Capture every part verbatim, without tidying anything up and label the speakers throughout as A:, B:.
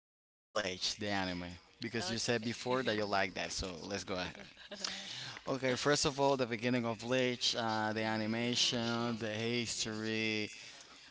A: you about Bleach, the anime, because you said before
B: Okay.
A: that you like that, so let's go ahead. Okay, first of all, the beginning of Bleach, uh, the animation, the history.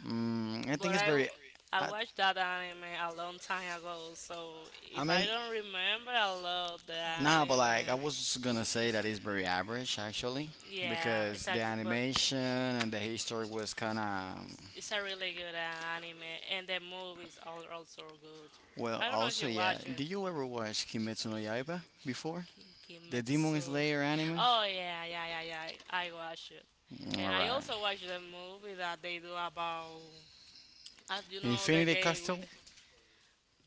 A: Mm, I
B: But
A: think it's
B: I, w-
A: very.
B: I
A: I,
B: watched that anime a long time ago, so
A: I
B: if I
A: mean,
B: don't remember, I love the
A: Nah,
B: anime.
A: but like I
B: Like,
A: was just gonna say that it's very average actually,
B: yeah,
A: because
B: it's a
A: the
B: good, but
A: animation and the history was kind of.
B: it's a really good uh, anime, and the movies are also good.
A: Well,
B: I don't know if
A: also,
B: you
A: yeah.
B: watch it.
A: Did you ever watch Kimetsu no Yaiba before?
B: Ki-
A: The Demon
B: Kimetsu.
A: Slayer anime? Oh
B: Oh yeah,
A: yeah,
B: yeah, yeah, yeah, I watch it,
A: yeah, yeah.
B: and I
A: Alright.
B: also watch the movie that they do about, uh, you know, the
A: Infinity
B: gay with.
A: Castle?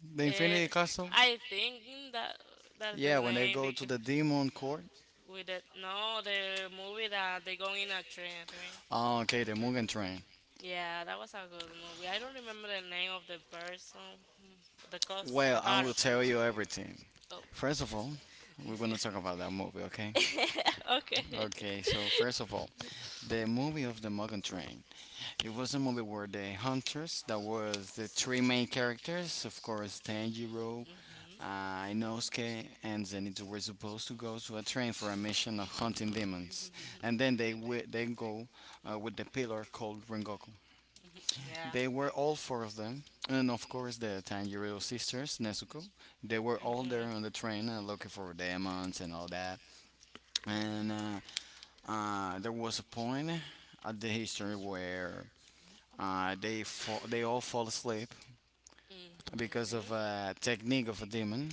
A: The
B: Uh,
A: Infinity Castle?
B: I think that that's the
A: Yeah, when they
B: name
A: go to
B: because
A: the demon court.
B: with the no the movie that they go in a train, right?
A: Oh, okay, the Mugen Train.
B: Yeah, that was a good movie. I don't remember the name of the person, mm, the cos, the
A: Well, I will
B: character.
A: tell you everything.
B: Oh,
A: First of all, we're gonna talk about that movie, okay?
B: okay.
A: Okay, so first of all, the movie of the Mugen Train. It was a movie where the hunters, that was the three main characters, of course, Tanjiro,
B: hmm
A: uh, Inosuke, and Zenitsu were supposed to go to a train for a mission of hunting demons. And then they wi- they go uh, with the pillar called Rengoku.
B: yeah.
A: They were all four of them, and of course the Tanjiro sisters, Nezuko. They were all there
B: Mhm.
A: on the train uh, looking for demons and all that.
B: Mhm.
A: And
B: Mhm.
A: uh, uh, there was a point at the history where uh, they fall, they all fall asleep
B: Mhm.
A: because
B: Yeah.
A: of a technique of a demon.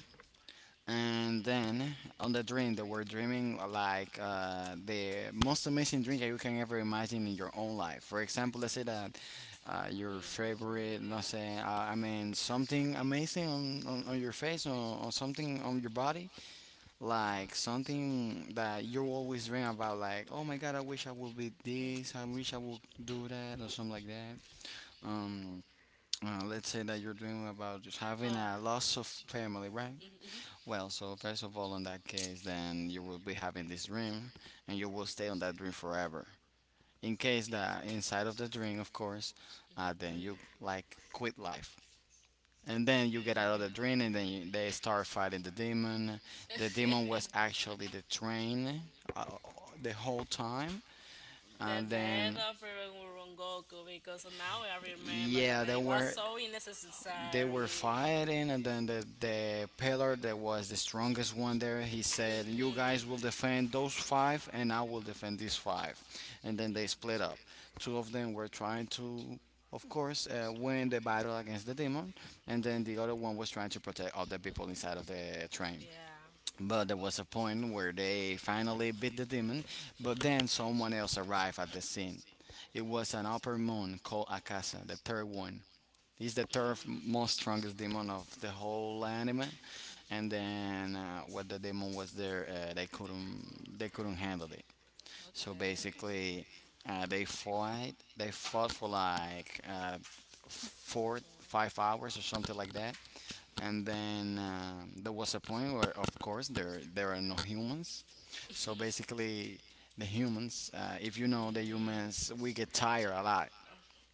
A: And then on the dream, they were dreaming uh, like uh, the most amazing dream that you can ever imagine in your own life. For example, let's say that uh, your
B: Yes.
A: favorite, no say, uh, I mean, something amazing on, on, on your face, or, or something on your body, like something that you always dream about, like, oh my god, I wish I would be
B: Mm.
A: this, I wish I would do that, or something like that. Um, uh, let's say that you're dreaming about just having
B: Oh.
A: a loss of family, right?
B: Mhm.
A: Well, so first of all, in that case, then you will be having this dream, and you will stay on that dream forever. In case that inside of the dream, of course, uh, then you like quit life, and then you get out of the dream, and then you, they start fighting the demon. The demon was actually the
B: Mhm.
A: train uh, the whole time,
B: The
A: and
B: death
A: then
B: of Ron- Rengoku, because now I remember that
A: yeah, they
B: it was
A: were,
B: so
A: they were
B: unnecessary.
A: fighting, and then the the pillar that was the strongest one there, he said, "You
B: Mhm.
A: guys will defend those five, and I will defend these five." And then they
B: Yeah.
A: split up. Two of them were trying to, of course, uh, win the battle against the demon, and then the other one was trying to protect other people inside of the train.
B: Yeah.
A: But there was a point where they finally beat the demon, but then
B: Mm.
A: someone else arrived at the scene. It was an upper moon called Akasa, the third one. He's the third most strongest demon of the whole anime. And then uh, when the demon was there, uh, they couldn't, they couldn't handle it. So
B: Okay.
A: basically, uh, they fought they fought for like uh, four five hours or something like that, and then um, there was a point where, of course, there there are no humans, so basically the humans, uh, if you know, the
B: Mm.
A: humans, we get tired a lot,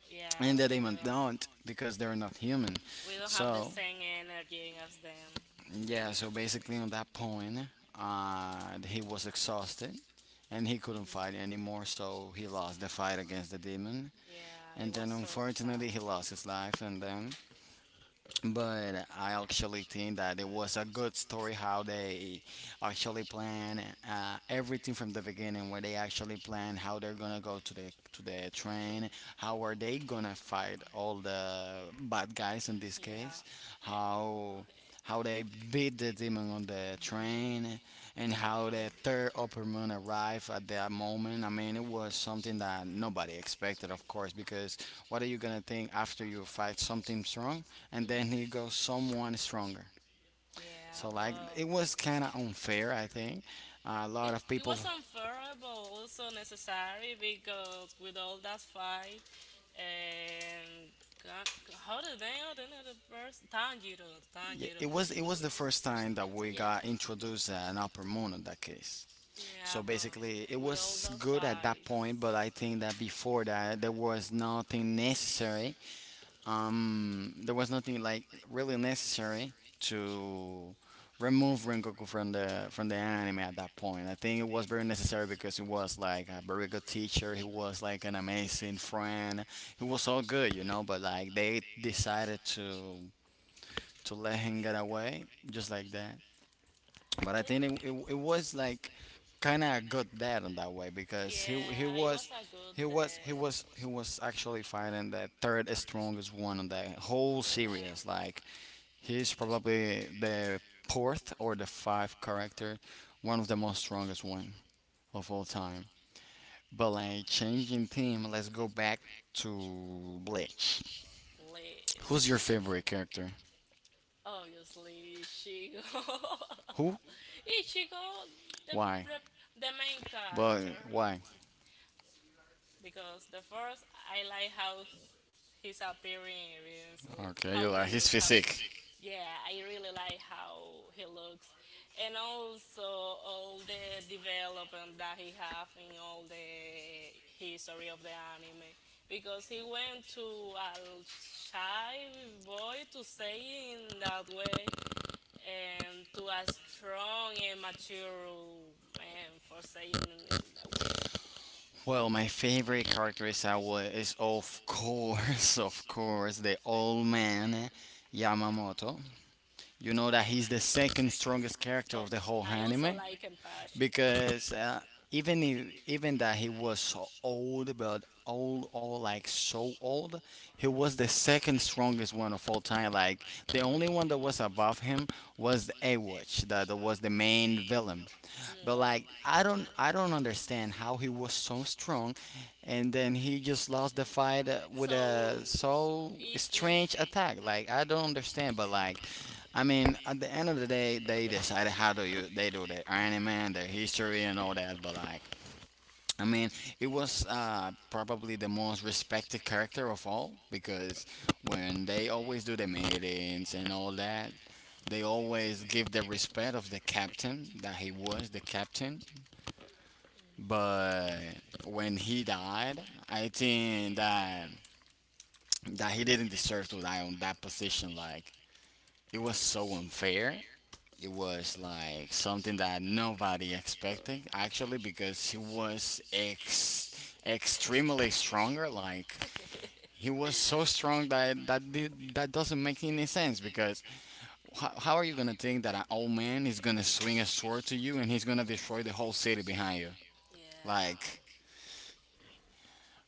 B: Yeah,
A: and the
B: we
A: demons don't
B: know.
A: because they're not human.
B: We don't have the
A: So
B: same energy as them.
A: yeah, so basically on that point, uh, he was exhausted and he couldn't
B: Mhm.
A: fight anymore, so he lost the fight against the demon.
B: Yeah, it
A: And
B: was
A: then
B: so tough.
A: unfortunately he lost his life. And then, but I actually think that it was a good story, how they actually plan uh, everything from the beginning, where they actually plan how they're gonna go to the to the train, how are they gonna fight all the bad guys in this
B: Yeah.
A: case,
B: Yeah.
A: how how they beat the demon on the train,
B: Mhm.
A: and how the third upper moon arrived at that moment. I mean, it was something that nobody expected, of course, because what are you gonna think after you fight something strong and then he goes someone stronger?
B: Yeah,
A: So like it
B: so
A: was kind of unfair, I think. Uh, a lot of people.
B: Uh, unfair, but also necessary because with all that fight and God, how the name the other person? Tanjiro,
A: Yeah,
B: Tanjiro.
A: it was it was the first
B: It
A: time that we got introduced an upper moon in that case.
B: yeah,
A: So basically, it was good at that
B: fight.
A: point, but I think that before that there was nothing necessary, um, there was nothing like really necessary to remove Rengoku from the from the anime at that point. I think it was very necessary because he was like a very good teacher. He was like an amazing friend. He was so good, you know. But like they decided to to let him get away just like that. But I think it, it,
B: I
A: it was like kind of a good dad in that way, because he he was,
B: good
A: he was he
B: bet.
A: was he was actually fighting the third strongest one in the whole series. Like he's probably the fourth or the fifth character, one of the most strongest one of all time. But like changing team, let's go back to Bleach. Who's your
B: Bleach.
A: favorite character?
B: Obviously, Ichigo.
A: Who?
B: Ichigo, the,
A: Why?
B: the the main why
A: But
B: character,
A: why?
B: because the first I like how his appearance, l-
A: Okay,
B: how
A: you
B: he
A: like his
B: looks, how
A: physique.
B: yeah, I really like how he looks, and also all the development that he have in all the history of the anime, because he went to a shy boy to say in that way, and to a strong and mature man for saying in in that way.
A: Well, my favorite character is, I wa- is, of course, of course, the old man, eh, Yamamoto. You know that he's the second strongest
B: Best,
A: character
B: oh,
A: of the whole
B: I whole also
A: anime,
B: like Empashi.
A: because uh, even if, even that he was so old, but old, old, like so old, he was the second strongest one of all time. Like the only one that was above him was the A Watch, that was the main villain.
B: Mm,
A: But
B: well,
A: like I don't I don't understand how he was so strong and then he just lost the fight uh, with a so strange attack. Like I don't understand, but like I mean at the end of the day they decided how do you they do their Iron Man, their history and all that, but like I mean, it was uh, probably the most respected character of all, because when they always do the meetings and all that, they always give the respect of the captain that he was the captain. But when he died, I think that that he didn't deserve to die on that position. Like it was so unfair. It was like something that nobody expected actually, because he was ex- extremely stronger. Like he was so strong that that did- that doesn't make any sense, because how, how are you gonna think that an old man is gonna swing a sword to you and he's gonna destroy the whole city behind you?
B: yeah,
A: Like.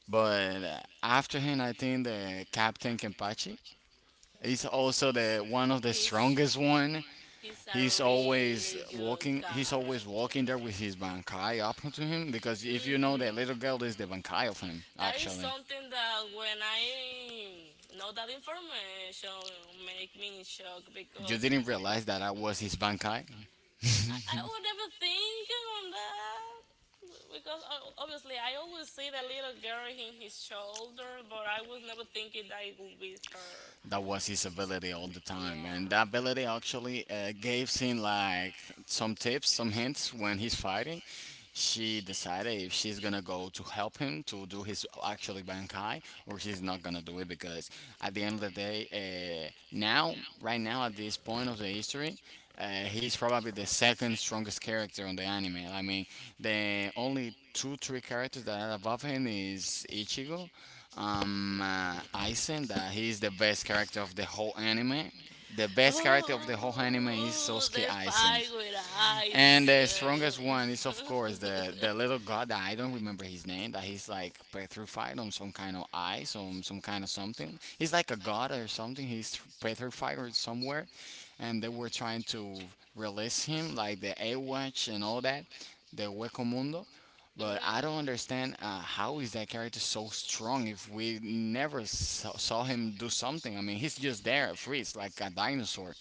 A: But uh, after him, I think the Captain Kenpachi is also the one of the strongest one.
B: he's
A: He's
B: a
A: always walking. He's always walking there with his bankai up to him, because if you know, the little
B: mhm.
A: girl is the bankai of him
B: That is
A: actually.
B: something that when I know that information make me in shock
A: You
B: because
A: didn't realize that I was his bankai.
B: I, I would never think on that because o- obviously I always see the little girl in his shoulder, but I was never thinking that it would be her.
A: That was his ability all the
B: Yeah.
A: time, and that ability actually uh, gave him like some tips, some hints when he's fighting. She decided if she's gonna go to help him to do his actually bankai, or she's not gonna do it, because at the end of the day, uh, now right now at this point of the history, uh, he's probably the second strongest character on the anime. I mean, the only two three characters that are above him is Ichigo, um, uh, Aizen, that he is the best character of the whole anime. The best character of the whole anime is
B: Oh,
A: Sosuke
B: the
A: Aizen.
B: fight with eyes.
A: And the strongest one is, of course, the the little god that I don't remember his name, that he's like petrified on some kind of ice, on some kind of something. He's like a god or something. He's petrified or somewhere, and they were trying to release him, like the A Watch and all that, the Hueco Mundo. But I don't
B: Mm,
A: understand uh, how is that character so strong if we never saw, saw him do something. I mean, he's just there, freeze like a dinosaur.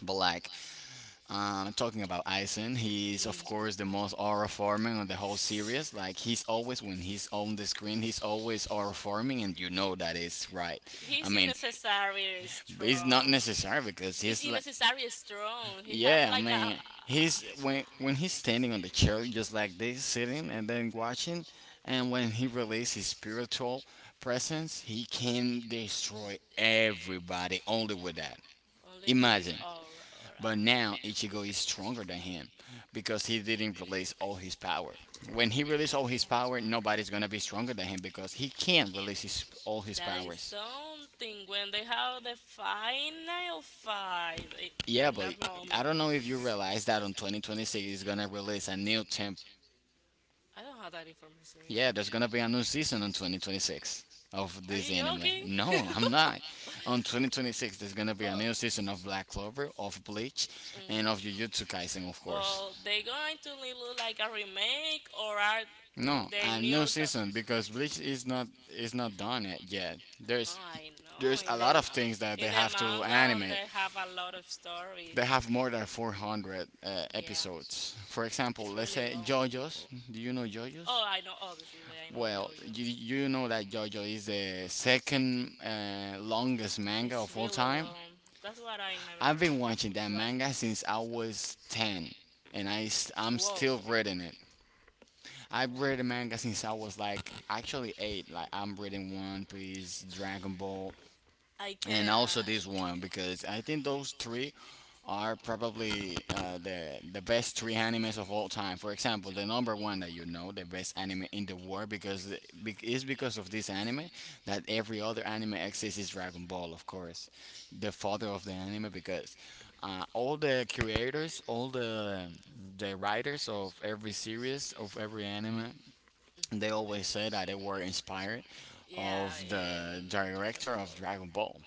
A: But like, um, talking about Eisen, he's
B: mm.
A: of course the most aura farming on the whole series. Like he's always, when he's on the screen, he's always aura farming, and you know that is right. I mean,
B: It's
A: but it's strong. Not strong
B: strong.
A: necessary, because he's like,
B: Strong. He have
A: yeah, I
B: like a
A: mean, he's when when he's standing on the chair just like this, sitting and then watching, and when he releases his spiritual presence, he can destroy everybody only with that.
B: only with his
A: Imagine.
B: aura. Aura.
A: But now Ichigo is stronger than him, because he didn't release all his power. When he
B: Yeah.
A: released all his
B: That is
A: power, nobody's gonna be stronger than him, because he can't release his, all his powers.
B: something when they have the final fight i-
A: In, yeah,
B: in yeah,
A: but
B: that
A: I
B: moment.
A: don't know if you realize that on twenty twenty-six is gonna release a new temp.
B: I don't have that
A: Yeah,
B: information.
A: there's gonna be a new season on twenty twenty-six of
B: Are
A: this
B: you
A: anime.
B: joking?
A: No, I'm not.
B: I'm
A: On
B: I
A: twenty twenty-six, there's gonna be
B: But-
A: a
B: but
A: new season of Black Clover, of Bleach,
B: mm.
A: and of Jujutsu Kaisen, of course.
B: But they going to look like a remake or are no,
A: No,
B: they
A: a
B: new
A: new? New
B: newer? Cos-
A: season because Bleach is not is not done it yet.
B: oh,
A: There's
B: I know.
A: there's a
B: In there's
A: lot
B: the
A: of things that they
B: a
A: have
B: ma- in
A: to
B: the that have to manga, um,
A: animate.
B: they happen. Have a lot of story.
A: They have
B: They have
A: more than four hundred
B: uh,
A: uh,
B: yeah,
A: episodes. For example,
B: it's
A: let's
B: really
A: say
B: long. Say
A: JoJo's. Do you know JoJo's?
B: oh, I know. Obviously, I know
A: Well,
B: Yo-Yo. You,
A: you you know that JoJo is the second uh, longest manga
B: it's
A: of all
B: really
A: time.
B: long. That's why I
A: I've been
B: never
A: watching that
B: watch it.
A: manga since I was ten, and I s- I'm
B: Whoa.
A: still reading it. I've read the
B: Oh.
A: manga since I was like actually eight. Like I'm reading One Piece, Dragon Ball,
B: I
A: and
B: can.
A: also this one
B: Uh,
A: because I think those three are probably uh, the the best three animes of all time. For example, the number one that you know, the best anime in the world, because it- bec- it's because of this anime that every other anime exists is Dragon Ball, of course, the father of the anime, because uh, all the creators, all the the writers of every series of every anime, they always say that they were inspired
B: yeah,
A: of
B: in
A: the director
B: Dragon Ball.
A: of Dragon Ball.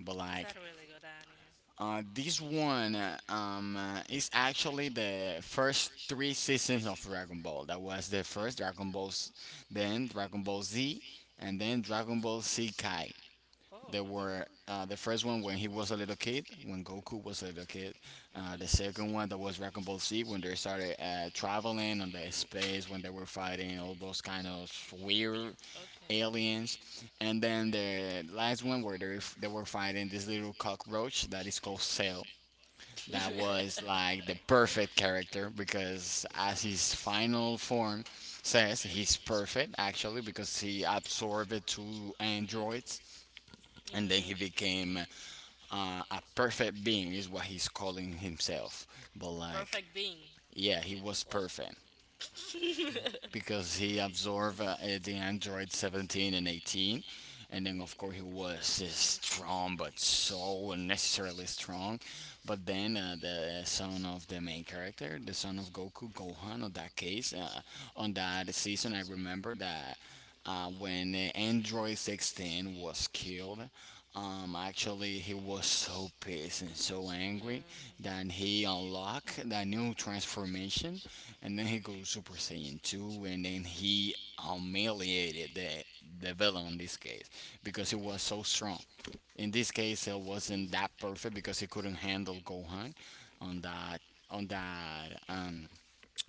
A: But
B: Is
A: like
B: that really good anime?
A: uh, this one uh, um, uh, is actually the first three seasons of Dragon Ball. That was the first Dragon Ball, S- then Dragon Ball Z, and then Dragon Ball Z Kai.
B: Oh.
A: There were
B: Oh.
A: uh, the first one when he was a little kid, when Goku was a little kid. Uh, the second one
B: Mm-hmm.
A: that was Dragon Ball Z when they started uh, traveling on the space when they were fighting all those kind of weird
B: Okay.
A: aliens. And then the last one where they, they were fighting this little cockroach that is called Cell.
B: was
A: That was like the perfect character because, as his final form says, he's perfect actually because he absorbed two androids, and then
B: and
A: he became
B: hmm
A: uh, a perfect being is what he's calling himself, but like
B: perfect being.
A: yeah, he was perfect because he absorbed uh, uh, the android seventeen and eighteen. And
B: Mhm.
A: then of course he
B: Um
A: was uh, strong, but so unnecessarily strong. But then uh, the son of the main character, the son of Goku, Gohan, on that case, uh, on that season, I remember that uh, when uh, android sixteen was killed, um, actually, he was so pissed and so angry that he unlocked that new transformation, and then he goes Super Saiyan two, and then he humiliated the, the villain in this case because he was so strong. In this case, it wasn't that perfect because he couldn't handle Gohan on that on that um,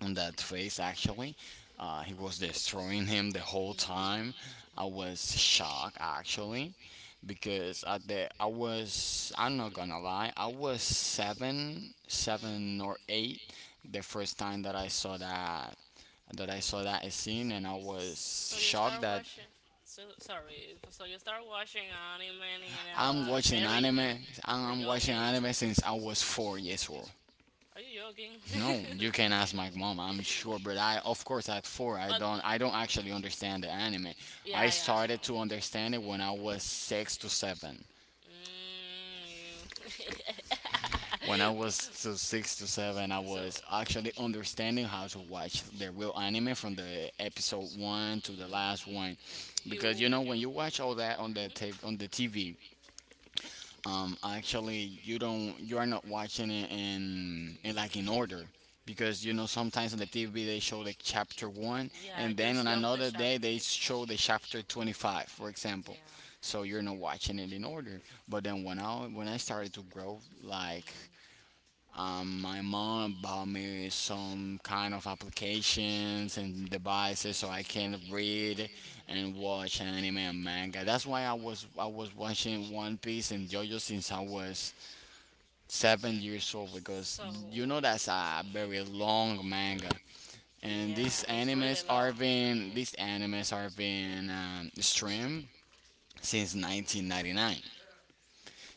A: on that face actually. Uh, he was destroying him the whole time. I was shocked actually, because at the I was I'm not gonna lie, I was seven seven or eight the first time that I saw that that I saw that scene, and I was shocked that
B: up. So sorry. So you start watching anime in
A: I'm watching
B: a
A: anime I'm watching anime since I was four years old.
B: old. Are you joking?
A: No, you
B: You
A: can ask my mom. I'm sure, but I, of course, at four, I don't I don't actually understand the anime. I
B: yeah,
A: started to
B: yeah,
A: understand it when I was six to seven.
B: mm, you.
A: When I was to six to seven, I
B: So, mm,
A: was actually
B: yeah,
A: understanding how to watch the real anime from the episode one to the last one,
B: you.
A: because you know when you
B: Mhm.
A: watch all that on the
B: Mm.
A: tape on the T V. Um, actually, you don't you are not watching it in, in like in order, because you know sometimes on the T V they show like chapter one
B: Yeah,
A: and then
B: just
A: on
B: jump the
A: another day they
B: chapters.
A: show the chapter twenty-five, for example.
B: Yeah.
A: So you're not watching it in order.
B: But then
A: But
B: when I
A: then when I when I started to grow, like, um, my mom bought me some kind of applications and devices so I can read and watch anime and manga. That's why I was I was watching One Piece and JoJo since I was seven years old, because
B: so
A: you know
B: so,
A: that's a very long manga. And
B: yeah,
A: these animes are being these animes are being um, streamed since nineteen ninety-nine.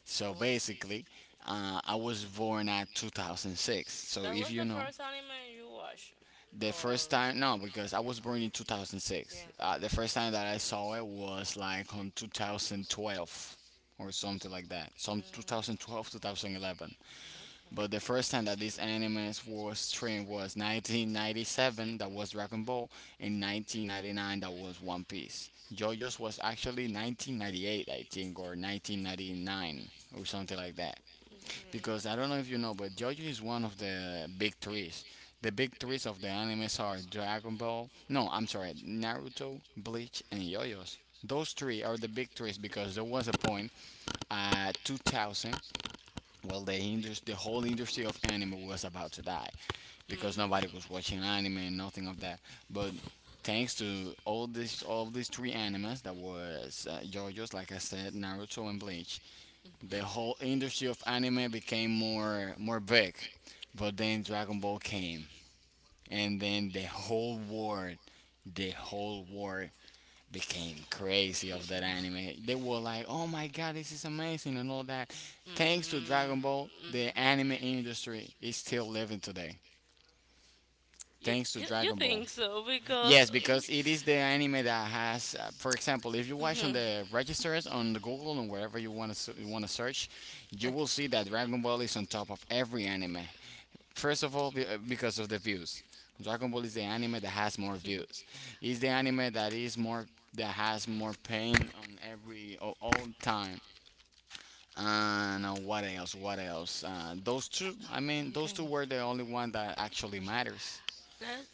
A: So basically, uh, I was born at two thousand six. So if you know,
B: first anime you watched, the
A: the first time, no, because I was born in two thousand six. Uh, the first time that I saw it was like on two thousand twelve, or something like that. Some two thousand twelve, two thousand eleven.
B: okay.
A: But the first time that this anime was streamed was nineteen ninety-seven, that was Dragon Ball, and nineteen ninety-nine, that was One Piece. JoJo's was actually nineteen ninety-eight, I think, or nineteen ninety-nine, or something like that. Because
B: Mm-hmm.
A: I don't know if you know, but JoJo is one of the big threes. The big threes of the animes are Dragon Ball, no, I'm sorry, Naruto, Bleach, and JoJo's. Those three are the big threes because there was a point, at two thousand, well, the indus- the whole industry of anime was about to die
B: Mm. That mm.
A: because nobody
B: Dragon Ball,
A: was watching anime and nothing of that, but thanks to all these all these three animes that was uh, JoJo's, like I said, Naruto and Bleach, the whole industry of anime became more more big. But then Dragon Ball came, and then the whole world, the whole war became crazy of that anime. They were like, "Oh my god, this is amazing," and all that. Thanks to Dragon Ball, the anime industry is still living today.
B: you,
A: Thanks to
B: you you
A: Dragon Ball.
B: think so because
A: Yes, because it is the anime that has, uh, for example, if you watch on
B: mhm.
A: the registers on the Google and wherever you want to you want to search, you will see that
B: Okay.
A: Dragon Ball is on top of every anime. First of all, be- uh, because of the views. Dragon Ball is the anime that has more views. It's the anime that is more, that has more pain on every, all, all time. And uh, what else? What else? Uh, those two. I mean, those two
B: Okay.
A: were the only one that actually matters.
B: Let's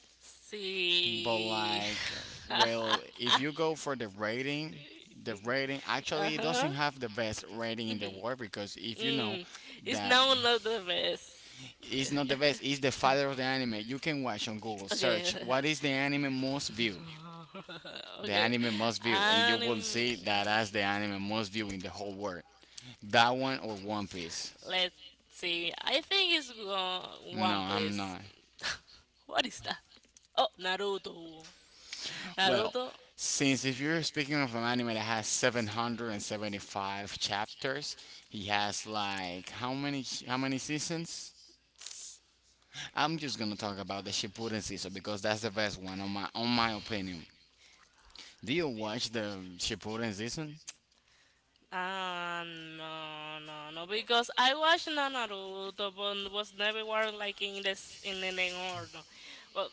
A: But
B: see.
A: like, well, if you go for the rating, the rating
B: uh
A: actually it
B: huh.
A: doesn't have the best rating in the
B: Mhm,
A: world, because if you know
B: mm. It's
A: that,
B: now not the best.
A: it's not the best. It's the father of the anime. You can watch on Google
B: okay.
A: search what is the anime most view, the
B: okay.
A: anime most view, and you
B: And
A: will
B: um,
A: see that as the anime most view in the whole world. That one or One Piece?
B: let's see. I think it's uh,
A: No,
B: One
A: I'm
B: Piece.
A: not.
B: What is that? Oh, Naruto.
A: Well,
B: Naruto.
A: since if you're speaking of an anime that has seven hundred seventy-five chapters, he has like how many how many seasons? I'm just gonna talk about the Shippuden season because that's the best one on my on my opinion. Do you watch the Shippuden season?
B: Ah, no, no, no. Because I watched Na- Naruto, but was never one like in this in an order. Well,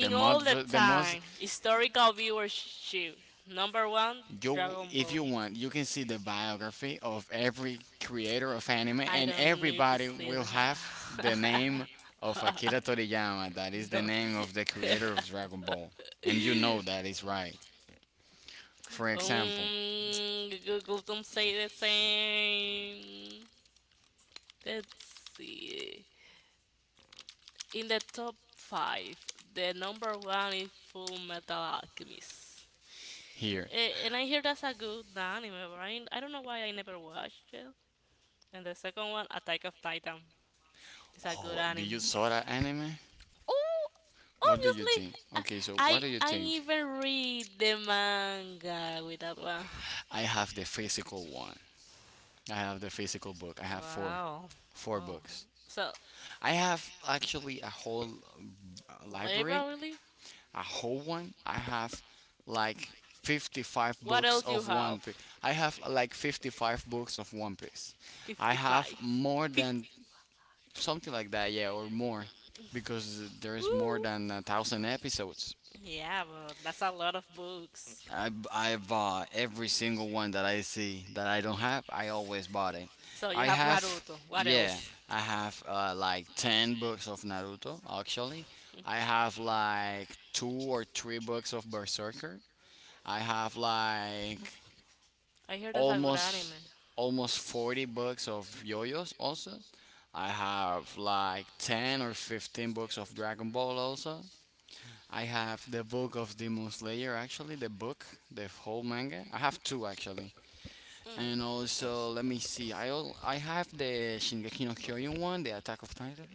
A: The
B: all the
A: most, the most.
B: time, historical viewership. Number one,
A: You,
B: Dragon Ball.
A: if you want, you can see the biography of every creator of anime,
B: I
A: and
B: don't need to
A: everybody
B: see
A: will
B: that.
A: have the name of Akira Toriyama. That is the
B: No.
A: name of the creator of Dragon Ball, and you know that is right. For example,
B: Um, Google don't say the same. Let's see. In the top five, the number one is Full Metal Alchemist.
A: here.
B: Eh, and I hear that's a good anime, right? I don't know why I never watched it. And the second one, Attack of Titan, is a good
A: Oh, do
B: anime.
A: you saw that anime?
B: Oh,
A: What do you
B: obviously,
A: think?
B: I
A: Okay, so what
B: I,
A: do you
B: I
A: think?
B: even read the manga with that one.
A: I have the physical one. I have the physical book. I have four,
B: Wow.
A: four
B: Wow.
A: books.
B: So,
A: I have actually a whole uh, library,
B: literally,
A: a whole one. I have like fifty-five
B: what
A: books
B: else you
A: of One
B: have?
A: Piece. I have like fifty-five books of One Piece. I have
B: fifty-five.
A: more than,
B: fifty.
A: something like that, yeah, or more, because there is more
B: Woo!
A: than a thousand episodes.
B: Yeah, but that's a lot of books.
A: I I bought every single one that I see that I don't have. I always bought it.
B: So you
A: I
B: have
A: have,
B: Naruto. What
A: yeah.
B: else?
A: I have uh, like ten books of Naruto actually. I have like two or three books of Berserker. I have like
B: I hear that's a good anime.
A: almost almost forty books of yoyos also. I have like ten or fifteen books of Dragon Ball also. I have the book of Demon Slayer, actually, the book, the whole manga. I have two actually, and
B: Mm.
A: also let me see. I al- I have the Shingeki no Kyojin one, the Attack of Titan,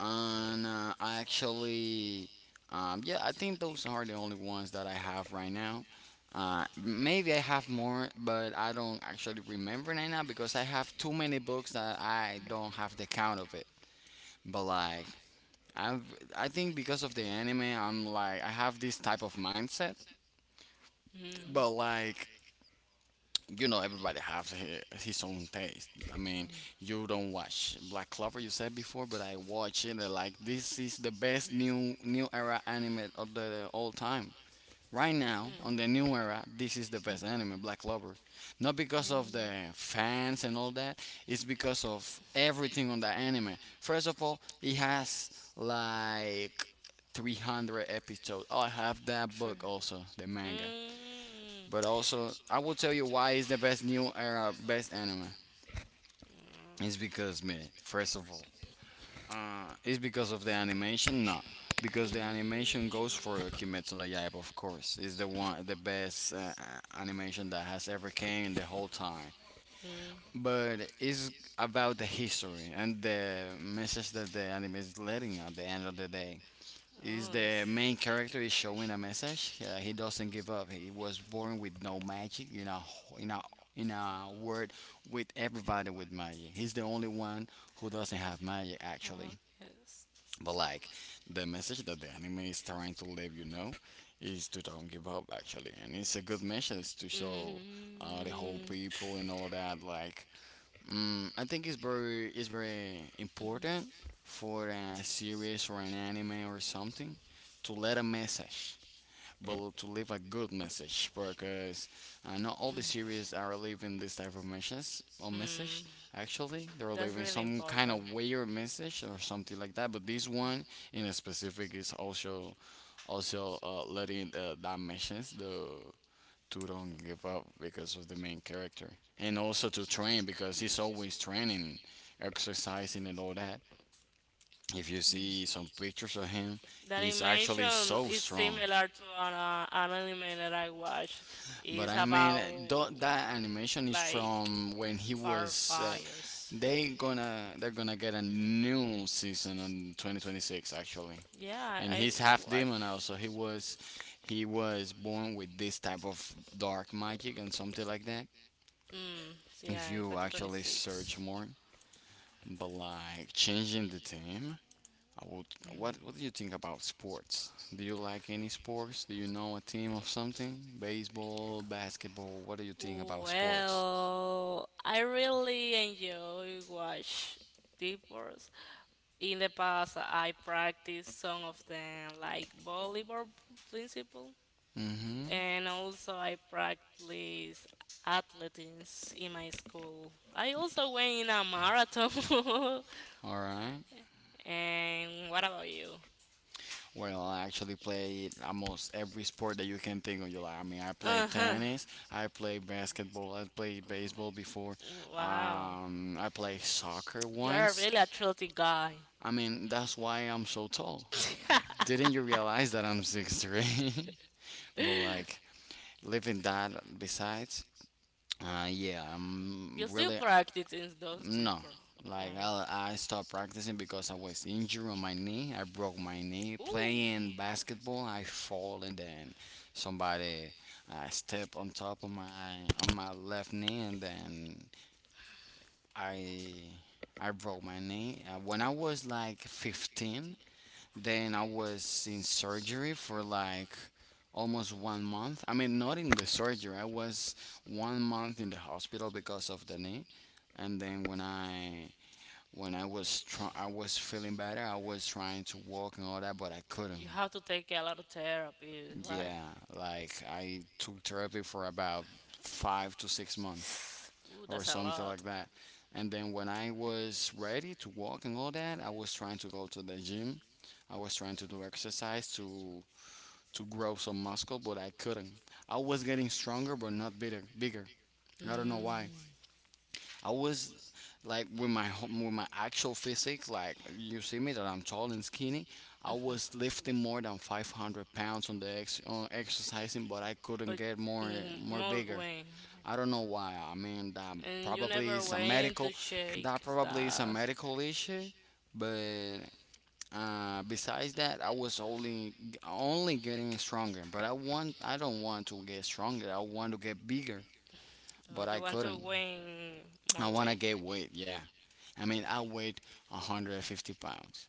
A: and uh, I actually, um, yeah, I think those are the only ones that I have right now. Uh, maybe I have more, but I don't actually remember right now because I have too many books that I don't have the count of it. But like I've, I think because of the anime, I'm like I have this type of mindset,
B: Mm.
A: but like you know, everybody has his, his own taste. I mean,
B: Mm.
A: you don't watch Black Clover, you said before, but I watch it. and, Like this is the best new new era anime of the all time. Right now, on the new era, this is the best anime, Black Clover. Not
B: Mm.
A: because
B: Mm.
A: of
B: Mm.
A: the fans and all that, it's because of everything on the anime. First of all, it has like three hundred episodes. Oh, I have that
B: True.
A: book also, the manga.
B: Mm.
A: But also, I will tell you why it's the best new era, best anime. It's
B: Mm.
A: because, man, first of all, uh, is because of the animation? No, because the animation goes for Kimetsu no Yaiba, of course. It's the one, the best uh, uh, animation that has ever came in the whole time.
B: Uh, Mm.
A: But it's about the history and the message that the anime is letting at the end of the day. Is
B: Oh,
A: the main character is showing a message? Uh, he doesn't give up. He was born with no magic. You know, in a in a word, with everybody with magic. He's the only one who doesn't have magic
B: oh
A: actually.
B: actually, yes.
A: But
B: So, I
A: like the message that the anime is trying to leave you know is to don't give up actually, and it's a good message to show uh, the whole
B: mm,
A: people and all that. Like, mm, I think it's very it's very
B: mhm,
A: important for a series or an anime or something to let a message but to leave a good message because uh, not all the series are leaving this type of message or
B: mm,
A: message actually, they're
B: that's
A: leaving
B: really
A: some kind of weird message or something like that, but this one in a specific is also also uh, letting uh, that message, the to don't give up because of the main character, and also to train because he's always training, exercising and all that. If you see some pictures of him,
B: the
A: he's actually
B: animation
A: so
B: is
A: strong.
B: similar to an, uh, an anime that I watched.
A: But
B: It's
A: I mean,
B: about
A: tho- that animation is
B: like
A: from when he was. Uh,
B: firefighters.
A: they gonna they're gonna get a new season on twenty twenty-six actually,
B: Yeah,
A: and
B: I I
A: he's half demon
B: watched.
A: now, so he was he was born with this type of dark magic and something like that.
B: Mm,
A: If
B: yeah, in
A: you actually search
B: twenty twenty-six.
A: more, but like changing the team, I would. What what do you think about sports? Do you like any sports? Do you know a team of something? Baseball, basketball. What do you think about sports?
B: Well, I really enjoy watch Deep Wars in the past, I practiced some of them, like volleyball principle,
A: Mm-hmm.
B: and also I practiced athletics in my school. I also went in a marathon.
A: All right.
B: And what about you?
A: Well, I actually play almost every sport that you can think of. You like, I mean, I play
B: Uh huh.
A: tennis, I play basketball, I played baseball before.
B: Wow,
A: Um, I played soccer
B: you are a
A: once.
B: really athletic guy.
A: I mean, that's why I'm so tall. Didn't you realize that I'm six three? but like, living that besides, uh, Yeah, I'm
B: You still
A: really.
B: practicing those two?
A: No,
B: Pro-
A: like
B: Um,
A: I, I stopped practicing because I was injured on my knee. I broke my knee playing basketball. I fall and then somebody uh, stepped on top of my on my left knee and then I I broke my knee. Uh, when I was like fifteen, then I was in surgery for like almost one month. I mean, not in the surgery. I was one month in the hospital because of the knee. And then when I when I was try- I was feeling better. I was trying to walk and all that, but I
B: I
A: couldn't.
B: you took have to take a lot of therapy, right?
A: Yeah, like I took therapy for about
B: Six
A: five to six months
B: months. Ooh,
A: or
B: that's a
A: something like
B: lot.
A: that. And then when I was ready to walk and all that, I was trying to go to the gym. I was trying to do exercise to to grow some muscle, but I couldn't. I was getting stronger, but not bigger. Bigger.
B: I
A: I don't know
B: mm.
A: why. I was like with my ho- with my actual physique, like you see me that I'm tall and skinny. I
B: Like
A: was lifting
B: I
A: more than five hundred pounds on the ex- on exercising, but I couldn't get
B: get.
A: more
B: Mm,
A: more
B: more
A: bigger.
B: weight,
A: I don't know why. I mean, that
B: and you
A: probably
B: never
A: is a
B: I
A: medical that probably is a
B: that.
A: medical issue, but uh, besides that I was only only getting stronger, but i want I don't want to get stronger, I want to get bigger,
B: Oh,
A: but I
B: you want to
A: couldn't.
B: win more
A: I want
B: I
A: to get weight, yeah. I mean, I weighed one hundred fifty pounds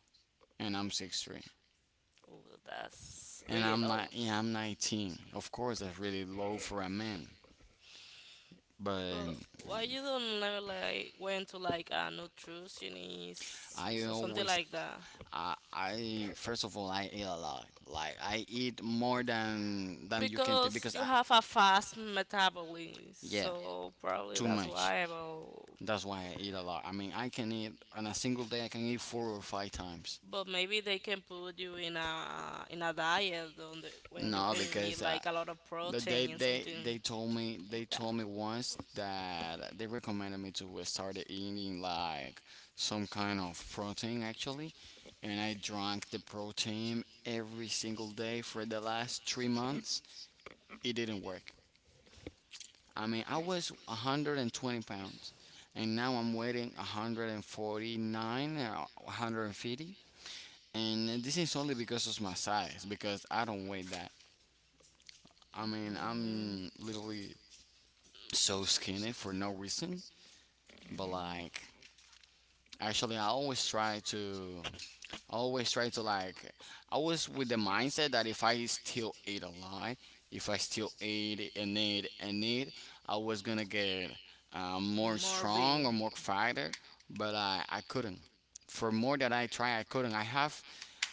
A: and I'm six three.
B: oh, that's
A: And
B: really
A: I'm
B: low.
A: not, yeah, I'm nineteen. Of course, that's really low for a man. But
B: But why you don't never like went to like a nutritionist
A: I
B: or something
A: always,
B: like that?
A: I, I first of all, I eat a lot. Like, I eat more than than you can take
B: Because
A: because
B: you
A: I,
B: have a fast metabolism,
A: yeah,
B: so probably
A: too
B: that's
A: much.
B: why. But,
A: That's why I eat a lot. I mean, I can eat on a single day. I can eat four or five times.
B: but maybe they can put you in a in a diet on the, when you
A: No,
B: can
A: because
B: eat
A: uh,
B: like a lot of
A: the, they
B: protein and
A: they
B: something
A: they told me, they
B: like that.
A: told me once that they recommended me to start eating like some kind of protein actually, and I drank the protein every single day for the last three months. It didn't work. I mean, I was one hundred twenty pounds, and now I'm weighing one hundred forty-nine or one hundred fifty. And this is only because of my size, because I don't weigh that. I mean,
B: Mm,
A: I'm literally so skinny for no reason, but
B: hmm
A: like actually I always try to I always try to like I was with the mindset that if I still eat a lot, if I still eat and eat and eat, I was gonna get uh, more
B: more
A: strong
B: big.
A: or more fighter, but I I couldn't. For more that I try, I couldn't. I have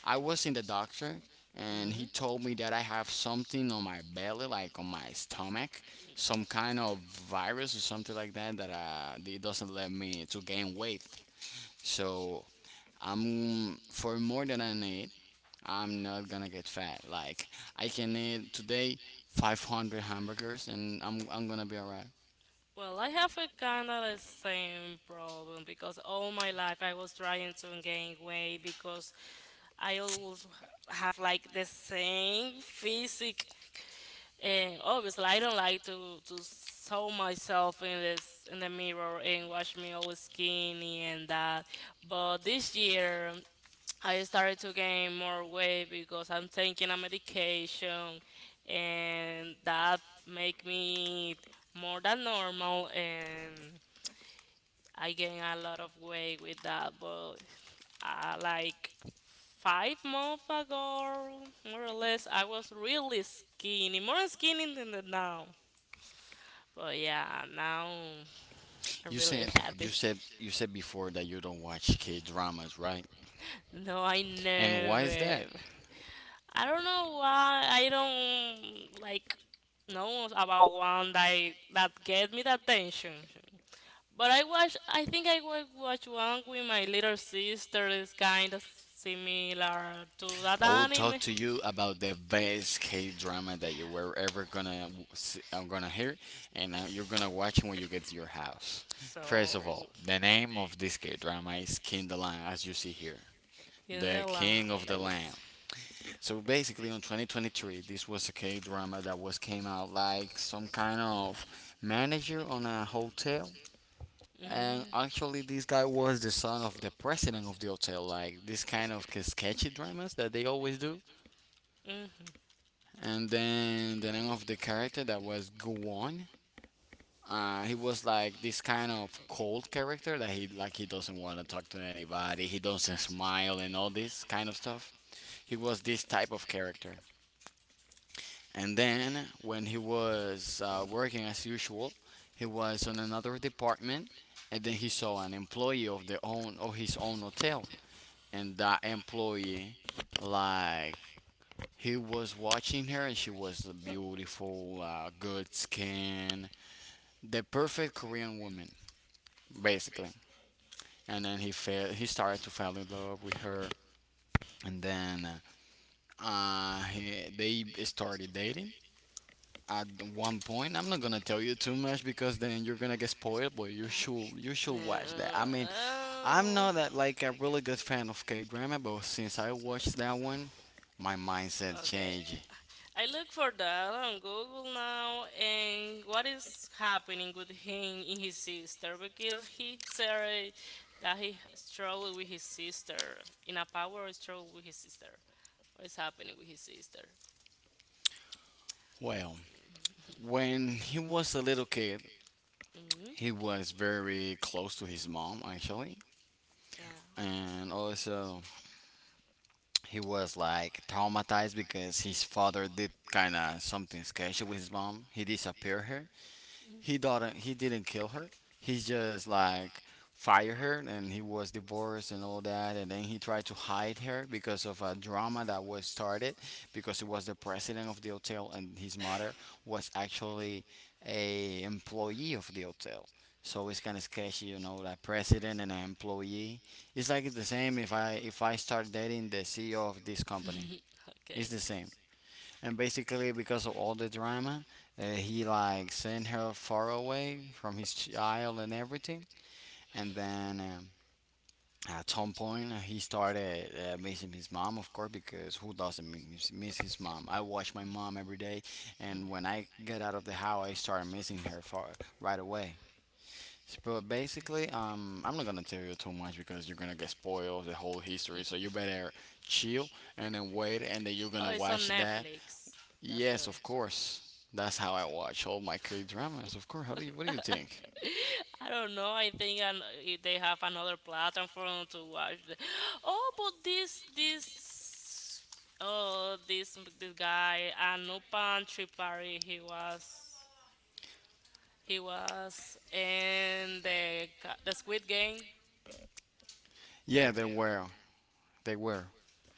A: I was in the doctor and he
B: Mm-hmm.
A: told me that I have something on my belly, like on my stomach, some kind of virus or something like that that uh, it doesn't let me to gain weight. So I'm for more than I need. I'm not gonna get fat. Like I can eat today five hundred hamburgers and I'm I'm gonna be alright.
B: Well, I have a kind of the same problem because all my life I was trying to gain weight because I always have like the same physique. And obviously, I don't like to to saw myself in this in the mirror and watch me always skinny and that. But this year, I started to gain more weight because I'm taking a medication and that make me more than normal and I gain a lot of weight with that, but uh, like five months ago more or less I was really skinny, more skinny than the now, but yeah now I'm
A: You
B: really
A: said you
B: happy.
A: said you said before that you don't watch K dramas, right?
B: No, I
A: And why is that?
B: never I don't know why I don't like know about one that I- that get me the attention. But I watch. I think I wa- watch one with my little sister. Is kind of similar to that
A: I will
B: anime.
A: talk to you about the best K drama that you were ever gonna w- see, I'm gonna hear, and uh, you're gonna watch when you get to your house. First
B: So
A: of all, the name of this K drama is King the Lion, as you see here,
B: in
A: the
B: the line,
A: King of the
B: let me.
A: Land.
B: See.
A: So basically, on twenty twenty-three, this was a K drama that was came out like some kind of manager on a hotel. And actually, this guy was the son of the president of the hotel. Like this kind of sketchy dramas that they always do.
B: Mhm. Mhm.
A: And then the name of the character that was Guon. Uh, he was like this kind of cold character that he like he doesn't want to talk to anybody. He doesn't smile and all this kind of stuff. He was this type of character. And then when he was uh, working as usual, he was on another department, and then he saw an employee of the own of his own hotel, and that employee like he was watching her, and she was a beautiful, uh, good skin, the perfect Korean woman, basically. And then he fell, he started to fall in love with her, and then uh, uh, he, they started dating. At one point, I'm not gonna tell you too much because then you're gonna get spoiled. But you should you should watch that.
B: Uh,
A: I mean, I'm
B: oh,
A: not that like a really good fan of K drama, but since I watched that one, my mindset
B: okay.
A: changed.
B: I look for that on Google now, and what is happening with him and his sister? Because he said that he struggled with his sister in a power struggle with his sister. What is happening with his sister?
A: Well, when he was a little kid,
B: Hmm
A: he was very close to his mom actually,
B: yeah.
A: and also he was like traumatized because his father did kind of something sketchy with his mom. He disappeared her, he didn't. He didn't kill her. He just like fired her, and he was divorced and all that. And then he tried to hide her because of a drama that was started because it was the president of the hotel, and his mother was actually a employee of the hotel. So it's kind of sketchy, you know, like president and an employee. It's like the same if I if I start dating the C E O of this company.
B: Okay.
A: It's the same, and basically because of all the drama, uh, he like sent her far away from his child and everything. And then um, at some point, he started uh, missing his mom, of course, because who doesn't miss, miss his mom? I watch my mom every day, and when I get out of the house, I start missing her far right away. But basically, um, I'm not gonna tell you too much because you're gonna get spoiled the whole history. So you better chill and then wait, and then you're
B: Oh,
A: gonna
B: it's on
A: watch that.
B: Netflix. That's good.
A: Yes, of course. That's how I watch all my K dramas. Of course. How do you? What do you think?
B: I don't know. I think an- if they have another platform to watch. The- oh, but this this oh this this guy Anupan Tripari. He was he was in the ca- the Squid Game.
A: Yeah, they were. They were.